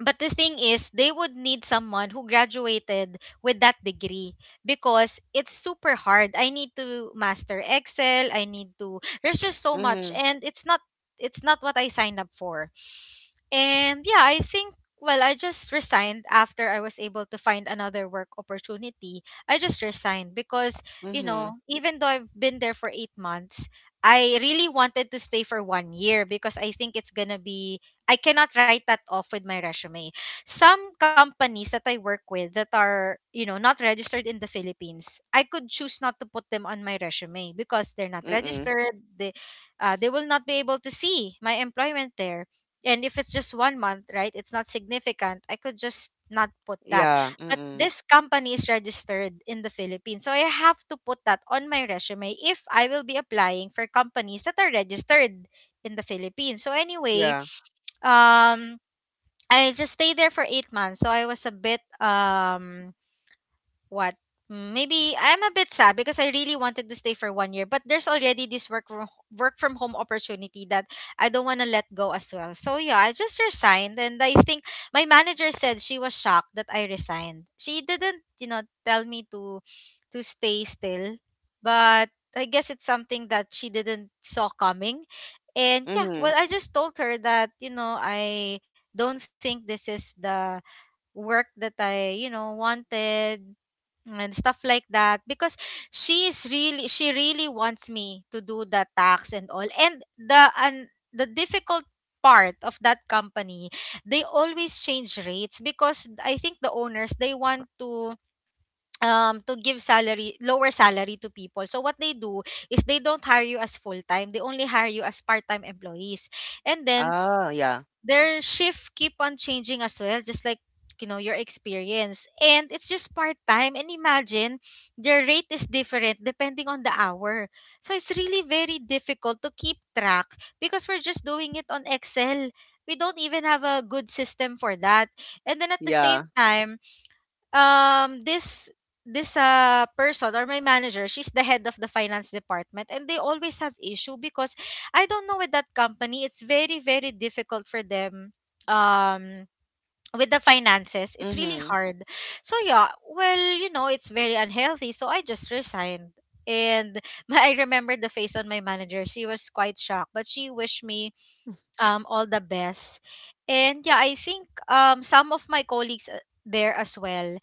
[SPEAKER 2] But the thing is, they would need someone who graduated with that degree because it's super hard. I need to master Excel. I need to. There's just so much,
[SPEAKER 1] Mhm.
[SPEAKER 2] and it's not. It's not what I signed up for. And yeah, I think. Well, I just resigned after I was able to find another work opportunity. I just resigned because, you
[SPEAKER 1] Mhm.
[SPEAKER 2] know, even though I've been there for 8 months, I really wanted to stay for 1 year because I think it's gonna be. I cannot write that off with my resume. Some companies that I work with that are not registered in the Philippines, I could choose not to put them on my resume because they're not
[SPEAKER 1] Mm-mm.
[SPEAKER 2] registered. They will not be able to see my employment there. And if it's just 1 month, right, it's not significant. I could just not put that.
[SPEAKER 1] Yeah.
[SPEAKER 2] But
[SPEAKER 1] Mm-mm.
[SPEAKER 2] this company is registered in the Philippines. So I have to put that on my resume if I will be applying for companies that are registered in the Philippines. So anyway,
[SPEAKER 1] Yeah.
[SPEAKER 2] um, I just stayed there for 8 months, so I was a bit what? Maybe I'm a bit sad because I really wanted to stay for 1 year, but there's already this work from home opportunity that I don't want to let go as well. So yeah, I just resigned, and I think my manager said she was shocked that I resigned. She didn't tell me to stay still, but I guess it's something that she didn't saw coming. And yeah, well,
[SPEAKER 1] Mhm.
[SPEAKER 2] I just told her that I don't think this is the work that I wanted and stuff like that because she really wants me to do the tax and all and the difficult part of that company. They always change rates because I think the owners, they want to give salary, lower salary to people. So what they do is they don't hire you as full time, they only hire you as part time employees. And then
[SPEAKER 1] Ah, yeah.
[SPEAKER 2] their shift keep on changing as well, just like, your experience, and it's just part time. And imagine, their rate is different depending on the hour, so it's really very difficult to keep track because we're just doing it on Excel. We don't even have a good system for that. And then at the same
[SPEAKER 1] Yeah.
[SPEAKER 2] time, um this this person or my manager, she's the head of the finance department, and they always have issue because I don't know, with that company it's very very difficult for them, um with the finances, it's really
[SPEAKER 1] Mhm.
[SPEAKER 2] hard. So yeah, well, it's very unhealthy, so I just resigned. And I remember the face on my manager, she was quite shocked, but she wished me, all the best. And yeah, I think some of my colleagues there as well,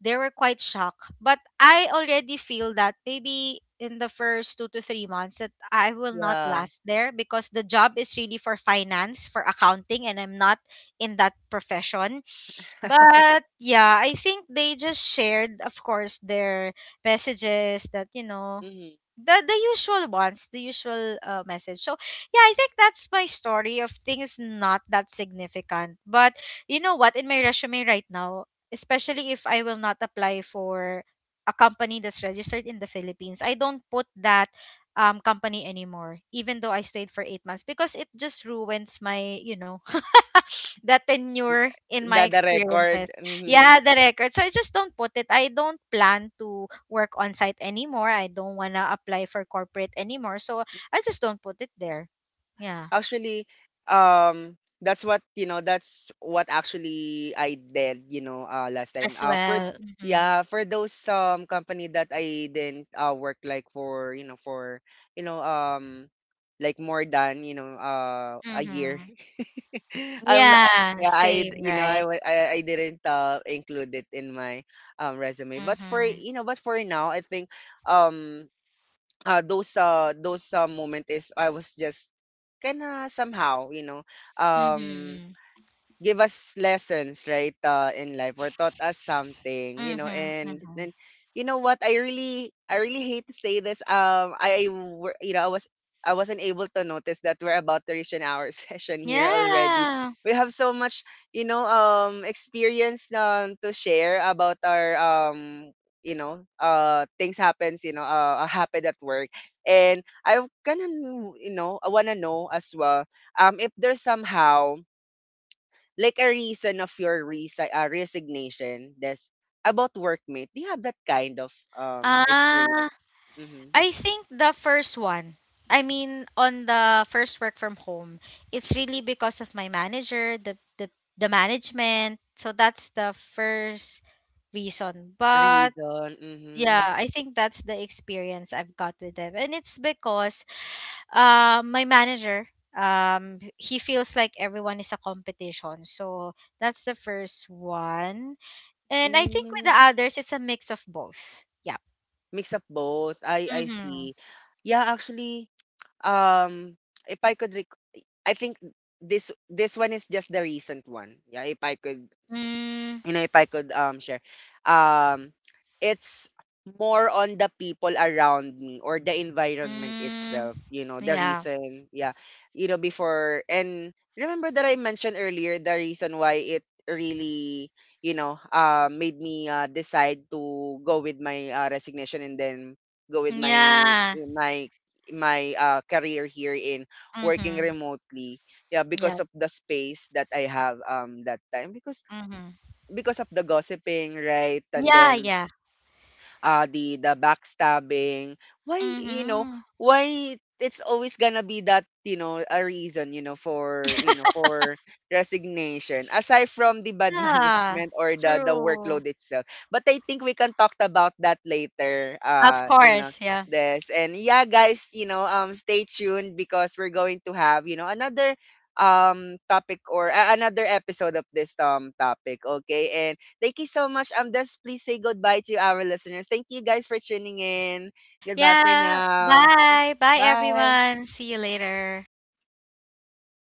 [SPEAKER 2] they were quite shocked. But I already feel that maybe in the first 2 to 3 months that I will not
[SPEAKER 1] Yeah.
[SPEAKER 2] last there because the job is really for finance, for accounting, and I'm not in that profession. But yeah, I think they just shared, of course, their messages that
[SPEAKER 1] Mhm.
[SPEAKER 2] the usual ones, the usual message. So yeah, I think that's my story of things, not that significant, but you know what, in my resume right now, especially if I will not apply for a company that's registered in the Philippines, I don't put that company anymore, even though I stayed for 8 months because it just ruins my you know the tenure in my
[SPEAKER 1] The
[SPEAKER 2] experiences.
[SPEAKER 1] record. Mhm.
[SPEAKER 2] Yeah, the record. So I just don't put it. I don't plan to work on site anymore. I don't want to apply for corporate anymore. So I just don't put it there. Yeah,
[SPEAKER 1] Actually, that's what, you know, that's what actually I did. You know, last
[SPEAKER 2] as
[SPEAKER 1] time. For
[SPEAKER 2] well. Mm-hmm.
[SPEAKER 1] yeah, for those company that I didn't work like for, you know um like more than, a
[SPEAKER 2] Mm-hmm.
[SPEAKER 1] year. I'm not,
[SPEAKER 2] Yeah,
[SPEAKER 1] yeah,
[SPEAKER 2] same,
[SPEAKER 1] you know,
[SPEAKER 2] right?
[SPEAKER 1] I, wa- I didn't include it in my resume. But for
[SPEAKER 2] Mm-hmm.
[SPEAKER 1] you know, but for now I think, um those moment is I was just kinda somehow, you know, um
[SPEAKER 2] Mm-hmm.
[SPEAKER 1] give us lessons, right, in life, or taught us something, you know.
[SPEAKER 2] Mm-hmm.
[SPEAKER 1] and
[SPEAKER 2] Mm-hmm.
[SPEAKER 1] and you know what, I really, hate to say this, you know, I wasn't able to notice that we're about to reach an hour session here already.
[SPEAKER 2] Yeah.
[SPEAKER 1] We have so much, you know, experience, to share about our you know, things happens, happened at work. And I kind of, you know, I want to know as well, if there's somehow like a reason of your resignation that's about workmate. Do you have that kind of
[SPEAKER 2] Ah.
[SPEAKER 1] experience? Mm-hmm.
[SPEAKER 2] I think the first one, I mean, on the first work from home, it's really because of my manager, the management. So that's the first reason. But
[SPEAKER 1] Reason.
[SPEAKER 2] yeah,
[SPEAKER 1] Mm-hmm.
[SPEAKER 2] I think that's the experience I've got with them. And it's because my manager, he feels like everyone is a competition. So that's the first one. And I think with the
[SPEAKER 1] Mm,
[SPEAKER 2] others it's a mix of both. Yeah.
[SPEAKER 1] mix up both. I
[SPEAKER 2] Mhm.
[SPEAKER 1] see. Yeah, actually, um if I could I think this, this one is just the recent one. Yeah, if I could,
[SPEAKER 2] Mm,
[SPEAKER 1] you know, if I could share, um, it's more on the people around me or the environment
[SPEAKER 2] Mm,
[SPEAKER 1] itself. You know, the
[SPEAKER 2] yeah.
[SPEAKER 1] reason, yeah, you know, before, and remember that I mentioned earlier the reason why it really, you know, made me, decide to go with my, resignation, and then go with my
[SPEAKER 2] Yeah.
[SPEAKER 1] my my career here in working
[SPEAKER 2] Mhm.
[SPEAKER 1] remotely. Yeah, because of
[SPEAKER 2] Yep.
[SPEAKER 1] the space that I have, that time,
[SPEAKER 2] Mhm.
[SPEAKER 1] because of the gossiping, right? And
[SPEAKER 2] Yeah,
[SPEAKER 1] then
[SPEAKER 2] yeah.
[SPEAKER 1] the backstabbing. Why, you know,
[SPEAKER 2] Mhm.
[SPEAKER 1] why it's always gonna be that, you know, a reason, you know, for resignation, aside from the bad
[SPEAKER 2] Yeah.
[SPEAKER 1] management or the
[SPEAKER 2] True.
[SPEAKER 1] workload itself. But I think we can talk about that later.
[SPEAKER 2] Of
[SPEAKER 1] You know,
[SPEAKER 2] course, yeah.
[SPEAKER 1] this. And yeah, guys, you know, stay tuned because we're going to have, you know, another topic or another episode of this topic. Okay, thank you so much. Just please say goodbye to our listeners. Thank you guys for tuning in. Goodbye for
[SPEAKER 2] Yeah.
[SPEAKER 1] now.
[SPEAKER 2] Bye. Bye
[SPEAKER 1] Bye.
[SPEAKER 2] everyone. See you later.